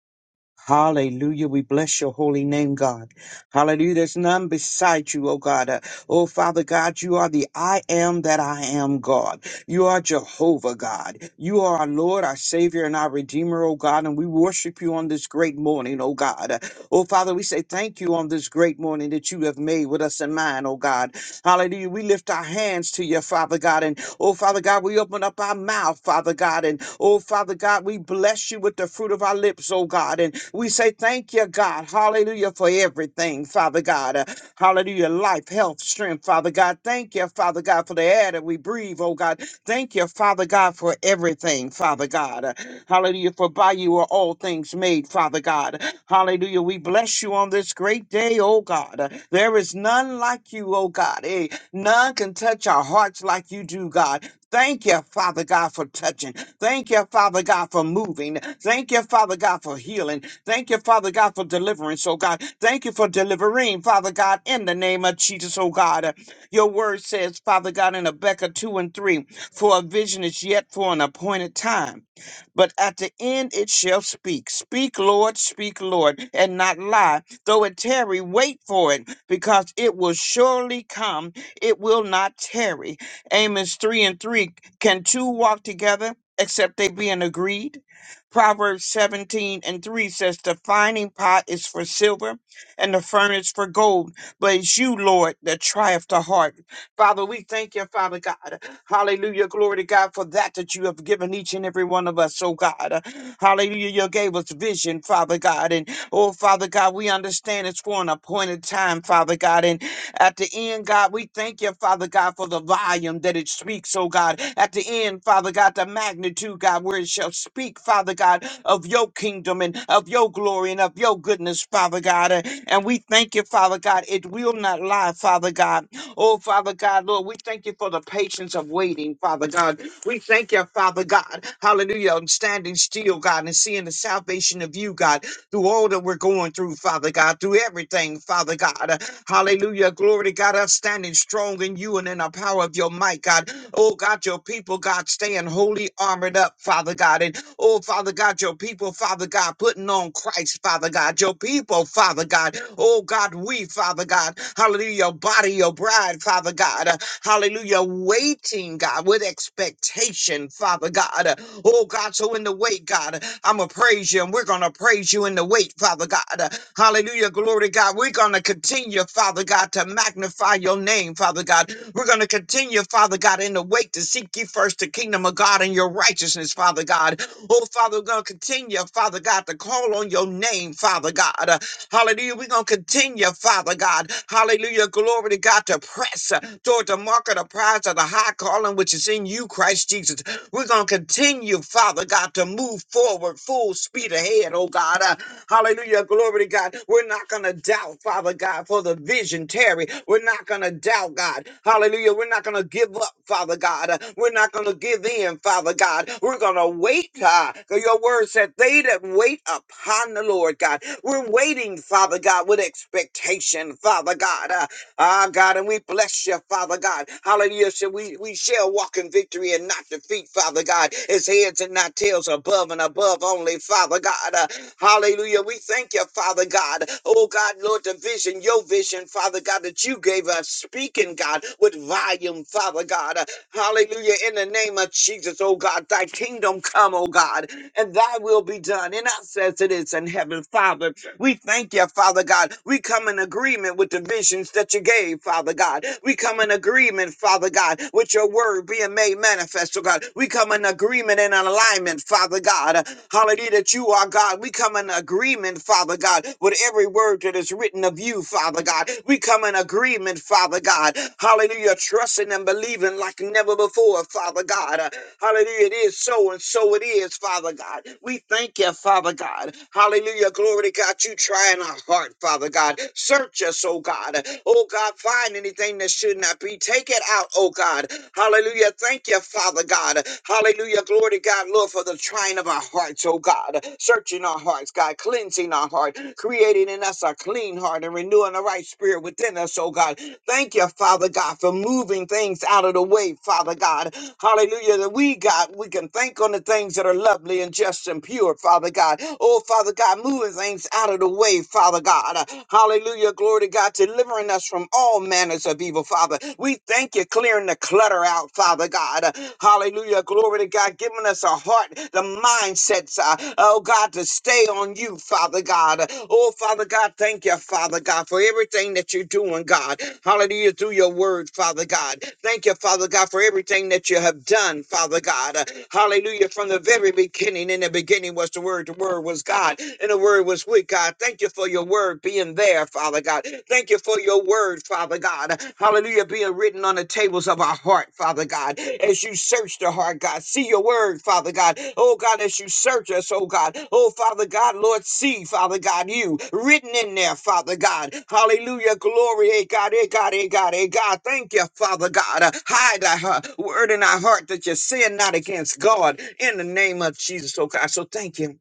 S4: Hallelujah. We bless your holy name, God. Hallelujah. There's none beside you, oh God. Uh, oh Father God, you are the I am that I am, God. You are Jehovah, God. You are our Lord, our Savior, and our Redeemer, oh God. And we worship you on this great morning, oh God. Uh, oh Father, we say thank you on this great morning that you have made with us in mind, oh God. Hallelujah. We lift our hands to you, Father God, Oh, Father God, we open up our mouth, Father God. And oh, Father God, we bless you with the fruit of our lips, oh God. And we say thank you, God. Hallelujah for everything, Father God. Uh, hallelujah. Life, health, strength, Father God. Thank you, Father God, for the air that we breathe, oh God. Thank you, Father God, for everything, Father God. Uh, hallelujah. For by you are all things made, Father God. Hallelujah. We bless you on this great day, oh God. Uh, There is none like you, oh God. eh, None can touch our hearts like you do, God. Thank you, Father God, for touching. Thank you, Father God, for moving. Thank you, Father God, for healing. Thank you, Father God, for deliverance, oh God. Thank you for delivering, Father God, in the name of Jesus, oh God. Your word says, Father God, in Habakkuk 2 and 3, for a vision is yet for an appointed time, but at the end it shall speak. Speak, Lord, speak, Lord, and not lie. Though it tarry, wait for it, because it will surely come it will not tarry. Amos 3 and 3 Can two walk together except they be in agreed? Proverbs 17 and 3 says, The finding pot is for silver and the furnace for gold, but it's you, Lord, that trieth the heart. Father, we thank you, Father God. Hallelujah. Glory to God for that that you have given each and every one of us, oh God. Hallelujah. You gave us vision, Father God. And oh, Father God, we understand it's for an appointed time, Father God. And at the end, God, we thank you, Father God, for the volume that it speaks, oh God. At the end, Father God, the magnitude, God, where it shall speak, Father God, of your kingdom and of your glory and of your goodness, Father God. Uh, And we thank you, Father God. It will not lie, Father God. Oh, Father God, Lord, we thank you for the patience of waiting, Father God. We thank you, Father God. Hallelujah. I'm standing still, God, and seeing the salvation of you, God through all that we're going through, Father God, through everything, Father God. Hallelujah. Glory to God. Us standing strong in you and in the power of your might, God. Oh, God, your people, God, staying holy armored up, Father God. And oh, Father God, your people, Father God, putting on Christ, Father God. Your people, Father God. Oh, God, we, Father God. Hallelujah. Your body, your bride, Father God. Hallelujah. Waiting waiting, God, with expectation, Father God. Uh, Oh, God, so in the wait, God, I'm going to praise you and we're going to praise you in the wait, Father God. Uh, Hallelujah, glory, God. We're going to continue, Father God, to magnify your name, Father God. We're going to continue, Father God, in the wait to seek ye first the kingdom of God and your righteousness, Father God. Oh, Father, we're going to continue, Father God, to call on your name, Father God. Hallelujah. We're going to continue, Father God. Hallelujah. Glory to God to press uh, toward the mark of the prize of the high calling which is in you, Christ Jesus. We're going to continue, Father God, to move forward full speed ahead, oh God. Uh, hallelujah. Glory to God. We're not going to doubt, Father. Father God, for the vision, Terry. We're not going to doubt, God. Hallelujah. We're not going to give up, Father God. Uh, We're not going to give in, Father God. We're going to wait, God. 'Cause Your word said, they that wait upon the Lord, God. We're waiting, Father God, with expectation, Father God. Uh, Ah, God, and we bless you, Father God. Hallelujah. So we, we shall walk in victory and not defeat, Father God. It's heads and not tails, above and above only, Father God. Uh, Hallelujah. We thank you, Father God. Oh God, Lord, the vision, your vision, Father God, that you gave us, speaking, God, with volume, Father God. Hallelujah. In the name of Jesus, oh God, thy kingdom come, oh God, and thy will be done in us as it is in heaven, Father. We thank you, Father God. We come in agreement with the visions that you gave, Father God. We come in agreement, Father God, with your word being made manifest, oh God. We come in agreement and alignment, Father God. Hallelujah, that you are God. We come in agreement, Father God, with every word that is written of you, Father God. We come in agreement, Father God. Hallelujah, trusting and believing like never before, Father God. Hallelujah, it is so and so it is, Father God. We thank you, Father God. Hallelujah. Glory to God, you trying our heart, Father God. Search us, oh God. Oh God, find anything that should not be. Take it out, oh God. Hallelujah. Thank you, Father God. Hallelujah. Glory to God, Lord, for the trying of our hearts, oh God. Searching our hearts, God. Cleansing our heart. Creating in us a clean heart and renewing the right spirit within us, oh God. Thank you, Father God, for moving things out of the way, Father God. Hallelujah. That we, God, we can think on the things that are lovely and just and pure, Father God. Oh, Father God. Father God, moving things out of the way, Father God. Hallelujah. Glory to God, delivering us from all manners of evil, Father. We thank you clearing the clutter out, Father God. Hallelujah. Glory to God, giving us a heart, the mindsets, uh, oh God, to stay on you, Father God. Oh, Father God, thank you, Father God, for everything that you're doing, God. Hallelujah. Through your word, Father God. Thank you, Father God, for everything that you have done, Father God. Hallelujah. From the very beginning, in the beginning was the word, the word was word was God, and the word was with God. Thank you for your word being there, Father God. Thank you for your word, Father God. Hallelujah, being written on the tables of our heart, Father God. As you search the heart, God, see your word, Father God. Oh God, as you search us, oh God. Oh Father God, Lord, see, Father God, you written in there, Father God. Hallelujah, glory, hey God, hey God, hey God, hey God. Thank you, Father God. Uh, Hide our heart- word in our heart that you sin not against God in the name of Jesus, oh God. So thank you.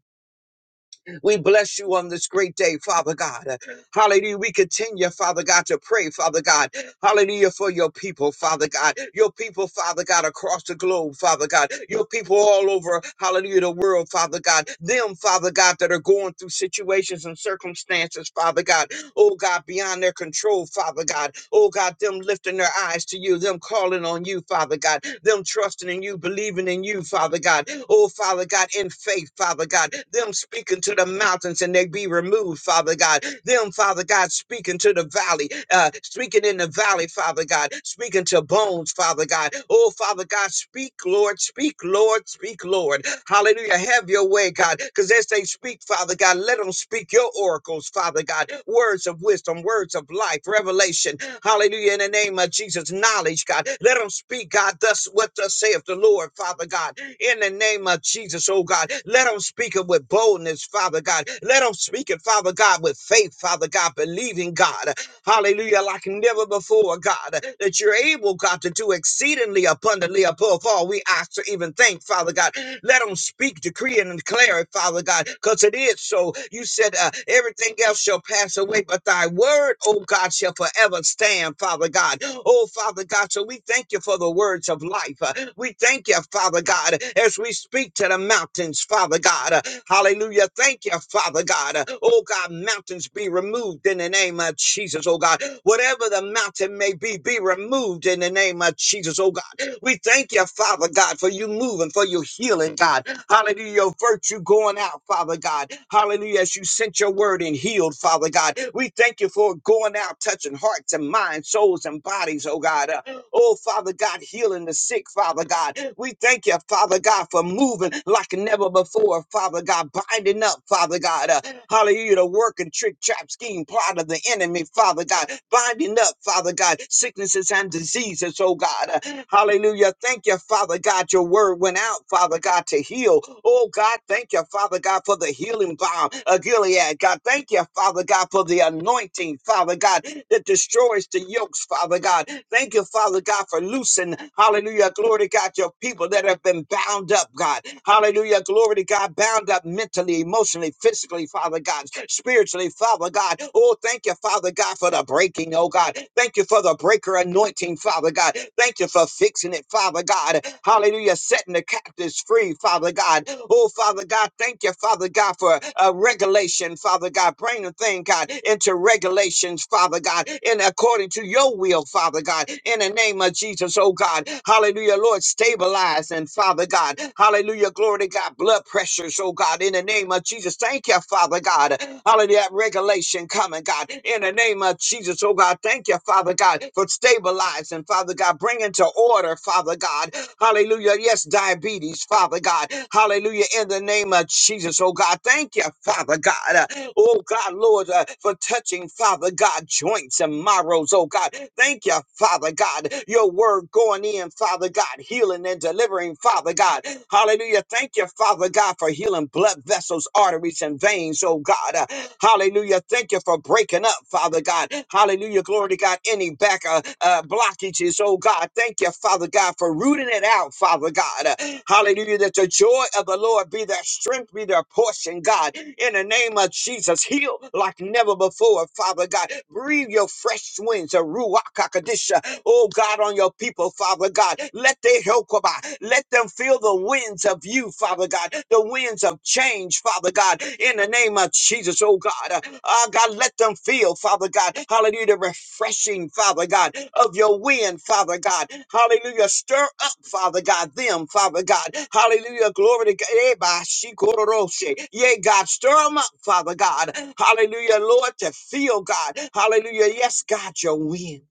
S4: We bless you on this great day, Father God. Hallelujah. We continue, Father God, to pray, Father God. Hallelujah for your people, Father God. Your people, Father God, across the globe, Father God. Your people all over, hallelujah, the world, Father God. Them, Father God, that are going through situations and circumstances, Father God. Oh God, beyond their control, Father God. Oh God, them lifting their eyes to you, them calling on you, Father God. Them trusting in you, believing in you, Father God. Oh Father God, in faith, Father God. Them speaking to the mountains and they be removed, Father God. Them, Father God, speaking to the valley. uh, speaking in the valley, Father God, speaking to bones, Father God. Oh, Father God, speak, Lord, speak, Lord, speak, Lord. Hallelujah. Have your way, God, because as they speak, Father God, let them speak your oracles, Father God, words of wisdom, words of life, revelation. Hallelujah. In the name of Jesus, knowledge, God, let them speak, God, thus what thus saith the Lord, Father God in the name of Jesus, oh God. Let them speak it with boldness, Father God. Let them speak it, Father God, with faith, Father God, believing God. Hallelujah, like never before, God, that you're able, God, to do exceedingly abundantly above all we ask to even think, Father God. Let them speak, decree, and declare it, Father God, because it is so. You said uh, everything else shall pass away, but thy word, oh God, shall forever stand, Father God. Oh, Father God, so we thank you for the words of life. Uh, We thank you, Father God, as we speak to the mountains, Father God. Uh, Hallelujah. Thank you, Father God. Uh, Oh, God, mountains be removed in the name of Jesus, oh God. Whatever the mountain may be, be removed in the name of Jesus, oh God. We thank you, Father God, for you moving, for your healing, God. Hallelujah. Your virtue going out, Father God. Hallelujah. As you sent your word and healed, Father God. We thank you for it going out, touching hearts and minds, souls and bodies, oh God. Uh, Oh, Father God, healing the sick, Father God. We thank you, Father God, for moving like never before, Father God, binding up, Father God. Uh, hallelujah, the work and trick, trap, scheme, plot of the enemy, Father God, binding up, Father God, sicknesses and diseases, oh God. Uh, hallelujah. Thank you, Father God. Your word went out, Father God, to heal. Oh God, thank you, Father God, for the healing balm of Gilead. God, thank you, Father God, for the anointing, Father God, that destroys the yokes, Father God. Thank you, you, Father God, for loosing, hallelujah, glory to God, your people that have been bound up, God. Hallelujah, glory to God, bound up mentally, emotionally, physically, Father God, spiritually, Father God. Oh, thank you, Father God, for the breaking, oh God. Thank you for the breaker anointing, Father God. Thank you for fixing it, Father God. Hallelujah, setting the captives free, Father God. Oh, Father God, thank you, Father God, for uh, regulation, Father God. Bring the thing, God, into regulations, Father God, and according to your will, Father God. God, in the name of Jesus, oh God. Hallelujah, Lord, stabilize and Father God. Hallelujah, glory to God, blood pressures, oh God, in the name of Jesus. Thank you, Father God. Hallelujah, that regulation coming, God, in the name of Jesus, oh God. Thank you, Father God, for stabilizing, Father God, bringing to order, Father God. Hallelujah, yes, diabetes, Father God. Hallelujah, in the name of Jesus, oh God. Thank you, Father God. Uh, Oh God, Lord, uh, for touching, Father God, joints and marrows, oh God. Thank you, uh, Father God. Your word going in, Father God, healing and delivering, Father God. Hallelujah. Thank you, Father God, for healing blood vessels, arteries, and veins, oh God. Uh, hallelujah. Thank you for breaking up, Father God. Hallelujah. Glory to God. Any back uh, uh, blockages, oh God. Thank you, Father God, for rooting it out, Father God. Uh, hallelujah. That the joy of the Lord be their strength, be their portion, God. In the name of Jesus, heal like never before, Father God. Breathe your fresh winds, a ruach Kadisha. Oh God, on your people, Father God. Let their help come out. Let them feel the winds of you, Father God, the winds of change, Father God, in the name of Jesus, oh God. Uh, ah, God, let them feel, Father God, hallelujah, the refreshing, Father God, of your wind, Father God. Hallelujah. Stir up, Father God, them, Father God. Hallelujah. Glory to God. Eh, bah, she, koro, ro, Yea, God, stir them up, Father God. Hallelujah, Lord, to feel, God. Hallelujah. Yes, God, your wind.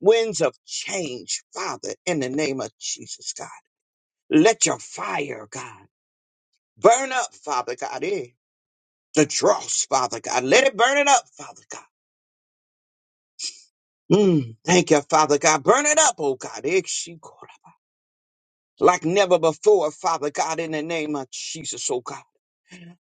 S4: Winds of change, Father, in the name of Jesus, God. Let your fire, God, burn up, Father God, eh? The dross, Father God. Let it burn it up, Father God. Mm, thank you, Father God. Burn it up, oh God. eh, she- Like never before, Father God, in the name of Jesus, oh God.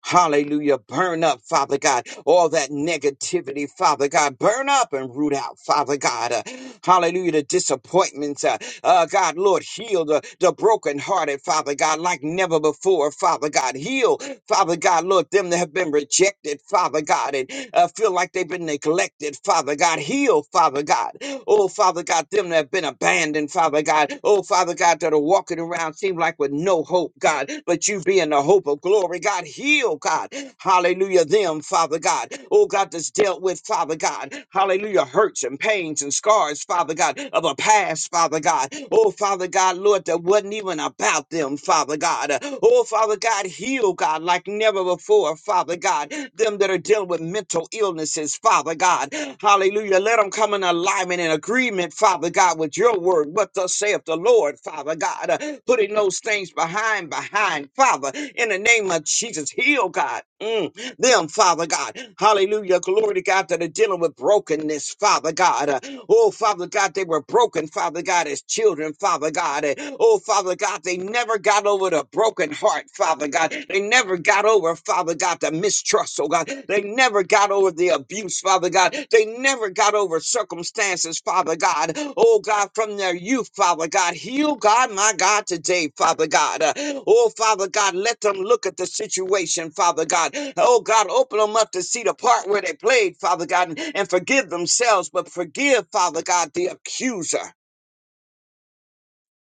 S4: Hallelujah. Burn up, Father God, all that negativity, Father God. Burn up and root out, Father God. Uh, hallelujah. The disappointments, uh, uh, God, Lord, heal the, the brokenhearted, Father God, like never before, Father God. Heal Father God, Lord, them that have been rejected, Father God, and uh, feel like they've been neglected, Father God, heal, Father God. Oh, Father God, them that have been abandoned, Father God. Oh, Father God, that are walking around seem like with no hope, God, but you being the hope of glory, God, heal, God. Hallelujah, them, Father God. Oh, God, that's dealt with, Father God. Hallelujah, hurts and pains and scars, Father God, of a past, Father God. Oh, Father God, Lord, that wasn't even about them, Father God. God. Oh, Father God, heal, God, like never before, Father God. Them that are dealing with mental illnesses, Father God. Hallelujah. Let them come in alignment and agreement, Father God, with your word. What thus saith the Lord, Father God. Putting those things behind, behind, Father, in the name of Jesus. Heal, God. Mm, them, Father God. Hallelujah. Glory to God that are dealing with brokenness, Father God. Uh, oh, Father God, they were broken, Father God, as children, Father God. Uh, oh, Father God, they never got over the broken heart, Father God. They never got over, Father God, the mistrust, oh God. They never got over the abuse, Father God. They never got over circumstances, Father God. Oh God, from their youth, Father God. Heal God, my God, today, Father God. Uh, Oh Father God, let them look at the situation, Father God. Oh God, open them up to see the part where they played, Father God, and and forgive themselves, but forgive, Father God, the accuser.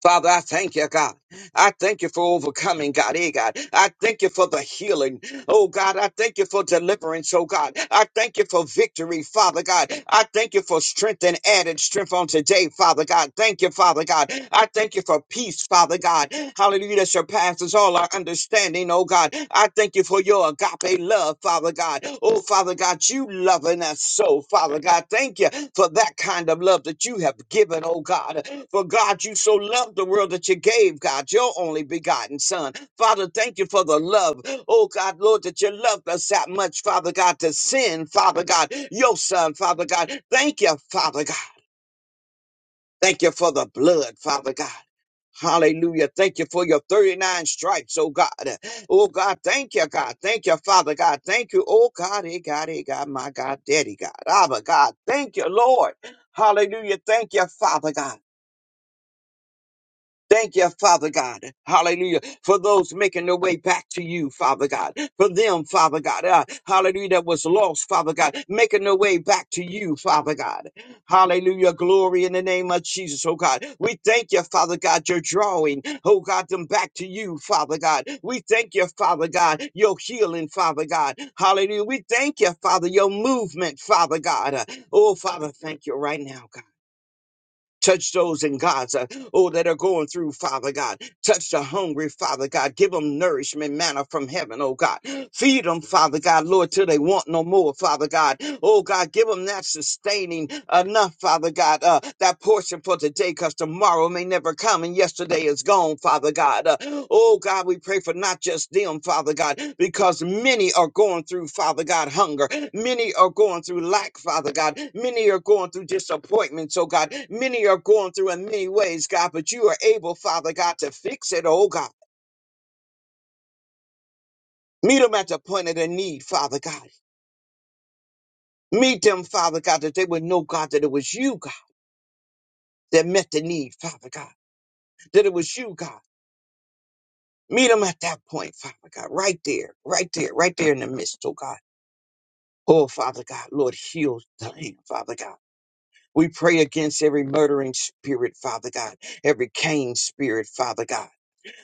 S4: Father, I thank you, God. I thank you for overcoming, God. Hey, God. I thank you for the healing. Oh God, I thank you for deliverance, oh God. I thank you for victory, Father God. I thank you for strength and added strength on today, Father God. Thank you, Father God. I thank you for peace, Father God. Hallelujah, that surpasses all our understanding, oh God. I thank you for your agape love, Father God. Oh, Father God, you loving us so, Father God. Thank you for that kind of love that you have given, oh God. For God, you so loved the world that you gave, God, your only begotten Son. Father, thank you for the love. Oh God, Lord, that you loved us that much, Father God, to send, Father God, your son, Father God. Thank you, Father God. Thank you for the blood, Father God. Hallelujah. Thank you for your 39 stripes, oh God. Oh God, thank you, God. Thank you, Father God. Thank you, oh God, hey God, hey God, my God, daddy God. Abba God, thank you, Lord. Hallelujah. Thank you, Father God. Thank you, Father God. Hallelujah. For those making their way back to you, Father God. For them, Father God. uh, hallelujah. That was lost, Father God. Making their way back to you, Father God. Hallelujah. Glory in the name of Jesus, oh God. We thank you, Father God. You're drawing, oh God, them back to you, Father God. We thank you, Father God. Your healing, Father God. Hallelujah. We thank you, Father. Your movement, Father God. Uh, oh, Father, thank you right now, God. Touch those in Gaza, oh, that are going through, Father God. Touch the hungry, Father God. Give them nourishment, manna from heaven, oh God. Feed them, Father God, Lord, till they want no more, Father God. Oh God, give them that sustaining enough, Father God, uh, that portion for today, because tomorrow may never come and yesterday is gone, Father God. God. Uh, Oh God, we pray for not just them, Father God, because many are going through, Father God, hunger. Many are going through lack, Father God. Many are going through disappointments, oh God. Many are going through in many ways, God, but you are able, Father God, to fix it, oh God. Meet them at the point of their need, Father God. Meet them, Father God, that they would know, God, that it was you, God, that met the need, Father God, that it was you, God. Meet them at that point, Father God, right there, right there, right there in the midst, oh God. Oh, Father God, Lord, heal the Diane, Father God. We pray against every murdering spirit, Father God, every Cain spirit, Father God.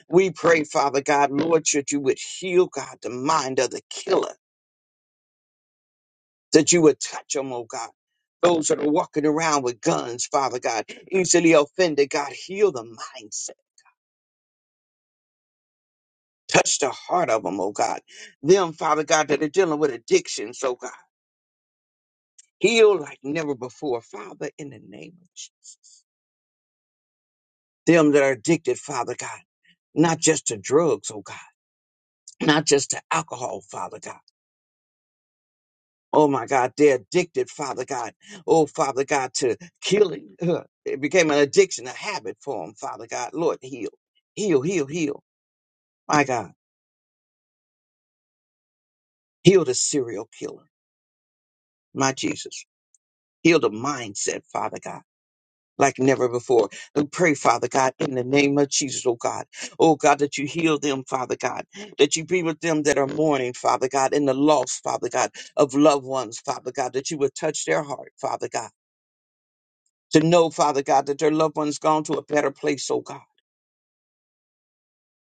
S4: We pray, Father God, Lord, that you would heal, God, the mind of the killer, that you would touch them, oh God. Those that are walking around with guns, Father God, easily offended, God, heal the mindset. Touch the heart of them, oh God. Them, Father God, that are dealing with addictions, oh God. Heal like never before, Father, in the name of Jesus. them that are addicted, Father God, not just to drugs, oh God, not just to alcohol, Father God. Oh my God, they're addicted, Father God. Oh, Father God, to killing. Ugh. It became an addiction, a habit for them, Father God. Lord, heal, heal, heal, heal. My God, heal the serial killer, my Jesus. Heal the mindset, Father God. like never before. And pray, Father God, in the name of Jesus, oh God. Oh God, that you heal them, Father God. That you be with them that are mourning, Father God, and the loss, Father God, of loved ones, Father God, that you would touch their heart, Father God. To know, Father God, that their loved ones gone to a better place, oh God.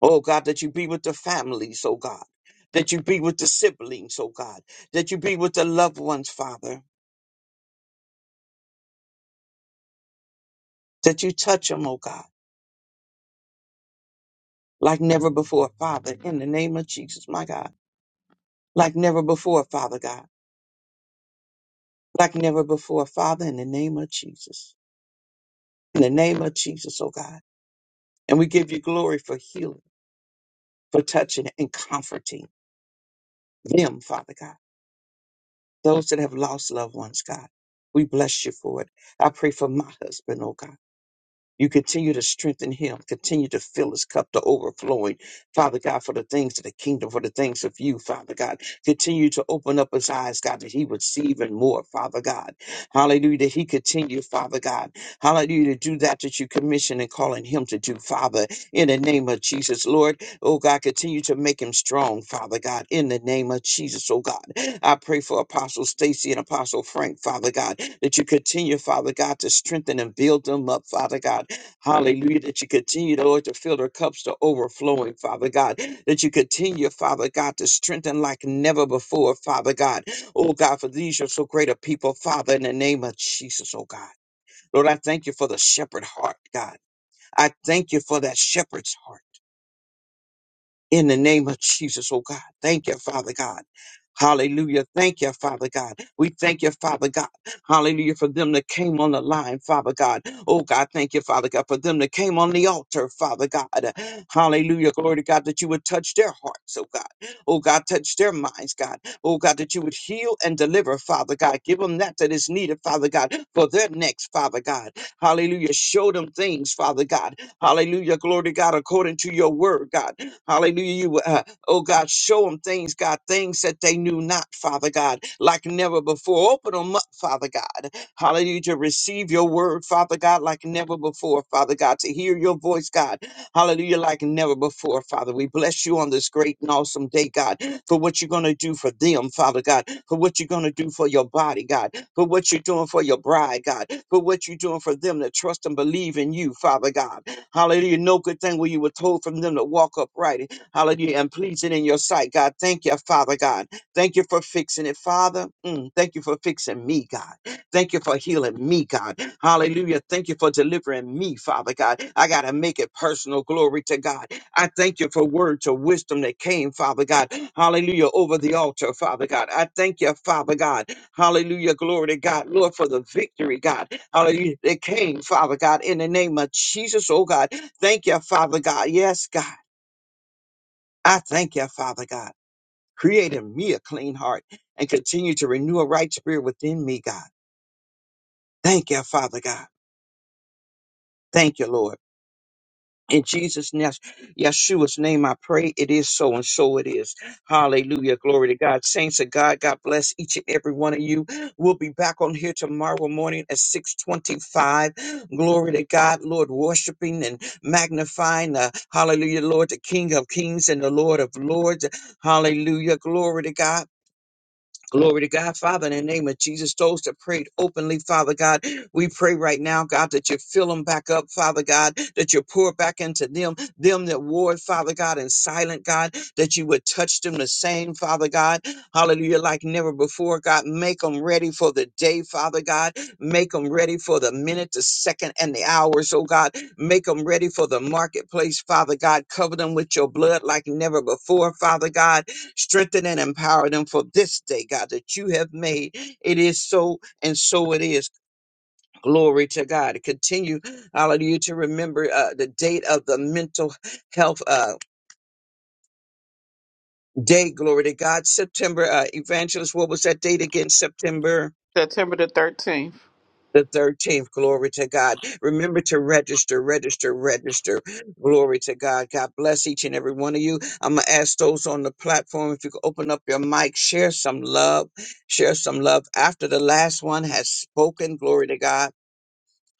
S4: Oh God, that you be with the families, oh God. That you be with the siblings, oh God. That you be with the loved ones, Father. That you touch them, oh God, like never before, Father, in the name of Jesus, my God. like never before, Father God, like never before, Father, in the name of Jesus, in the name of Jesus, oh God. And we give you glory for healing, for touching and comforting them, Father God, those that have lost loved ones, God. We bless you for it. I pray for my husband, oh God. You continue to strengthen him, continue to fill his cup to overflowing. Father God, for the things of the kingdom, for the things of you, Father God. Continue to open up his eyes, God, that he would see even more, Father God. Hallelujah, that he continue, Father God. Hallelujah, to do that that you commission and calling him to do, Father, in the name of Jesus, Lord. Oh God, continue to make him strong, Father God, in the name of Jesus, oh God. I pray for Apostle Stacy and Apostle Frank, Father God, that you continue, Father God, to strengthen and build them up, Father God Hallelujah, that you continue, Lord, to fill their cups to overflowing, Father God. That you continue, Father God, to strengthen like never before, Father God. Oh God, for these are so great a people, Father, in the name of Jesus, oh God. Lord, I thank you for the shepherd heart, God. I thank you for that shepherd's heart in the name of Jesus, oh God. Thank you, Father God. Hallelujah. Thank you, Father God. We thank you, Father God. Hallelujah. For them that came on the line, Father God. Oh God, thank you, Father God. For them that came on the altar, Father God. Hallelujah. Glory to God that you would touch their hearts, oh God. Oh God, touch their minds, God. Oh God, that you would heal and deliver, Father God. Give them that that is needed, Father God, for their necks, Father God. Hallelujah. Show them things, Father God. Hallelujah. Glory to God according to your word, God. Hallelujah. You, uh, oh God, show them things, God, things that they knew not, Father God, like never before. Open them up, Father God. Hallelujah. To receive your word, Father God, like never before, Father God. To hear your voice, God. Hallelujah. Like never before, Father. We bless you on this great and awesome day, God, for what you're going to do for them, Father God, for what you're going to do for your body, God, for what you're doing for your bride, God, for what you're doing for them that trust and believe in you, Father God. Hallelujah. No good thing where you were told from them to walk upright. Hallelujah. And pleasing in your sight, God. Thank you, Father God. Thank you for fixing it, Father. Mm, thank you for fixing me, God. Thank you for healing me, God. Hallelujah. Thank you for delivering me, Father God. I got to make it personal. Glory to God. I thank you for words of wisdom that came, Father God. Hallelujah. Over the altar, Father God. I thank you, Father God. Hallelujah. Glory to God. Lord, for the victory, God. Hallelujah. That came, Father God, in the name of Jesus. Oh, God. Thank you, Father God. Yes, God. I thank you, Father God. Create in me a clean heart and continue to renew a right spirit within me, God. Thank you, Father God. Thank you, Lord. In Jesus' name, Yeshua's name, I pray it is so and so it is. Hallelujah. Glory to God. Saints of God, God bless each and every one of you. We'll be back on here tomorrow morning at 625. Glory to God, Lord, worshiping and magnifying. Uh, hallelujah, Lord, the King of kings and the Lord of lords. Hallelujah. Glory to God. Glory to God, Father, in the name of Jesus, those that prayed openly, Father God, we pray right now, God, that you fill them back up, Father God, that you pour back into them, them that warred, Father God, and silent, God, that you would touch them the same, Father God, hallelujah, like never before, God, make them ready for the day, Father God, make them ready for the minute, the second, and the hours, oh God, make them ready for the marketplace, Father God, cover them with your blood like never before, Father God, Strengthen and empower them for this day, God, that you have made. It is so, and so it is. Glory to God. Continue, hallelujah, to remember uh, the date of the mental health uh, day. Glory to God. September, uh, evangelist, what was that date again? September.
S1: September the 13th.
S4: the 13th. Glory to God. Remember to register, register, register. Glory to God. God bless each and every one of you. I'm going to ask those on the platform if you could open up your mic, share some love, share some love after the last one has spoken. Glory to God.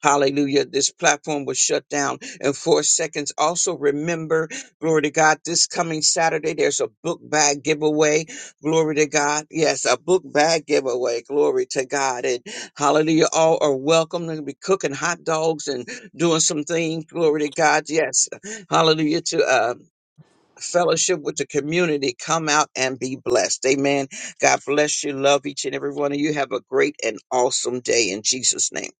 S4: Hallelujah. This platform was shut down in four seconds. Also, remember, glory to God, this coming Saturday, there's a book bag giveaway. Glory to God. Yes, a book bag giveaway. Glory to God. And hallelujah. All are welcome. They're going to be cooking hot dogs and doing some things. Glory to God. Yes. Hallelujah. To, uh, Fellowship with the community, come out and be blessed. Amen. God bless you. Love each and every one of you. Have a great and awesome day in Jesus' name.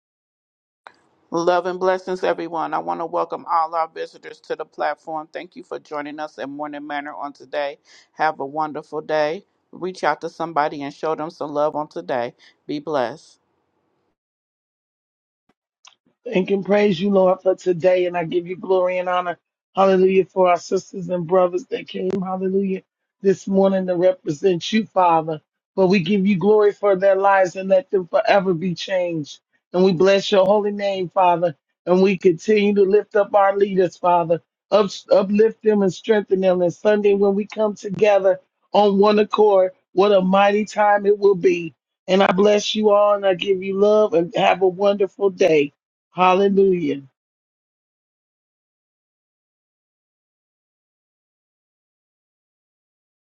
S1: Love and blessings, everyone. I want to welcome all our visitors to the platform. Thank you for joining us in Morning Manor on today. Have a wonderful day. Reach out to somebody and show them some love on today. Be blessed.
S3: Thank and praise you, Lord, for today. And I give you glory and honor. Hallelujah. For our sisters and brothers that came, hallelujah, this morning to represent you, Father. But we give you glory for their lives and let them forever be changed. And we bless your holy name, Father. And we continue to lift up our leaders, Father. Up, uplift them and strengthen them. And Sunday, when we come together on one accord, what a mighty time it will be. And I bless you all and I give you love and have a wonderful day. Hallelujah.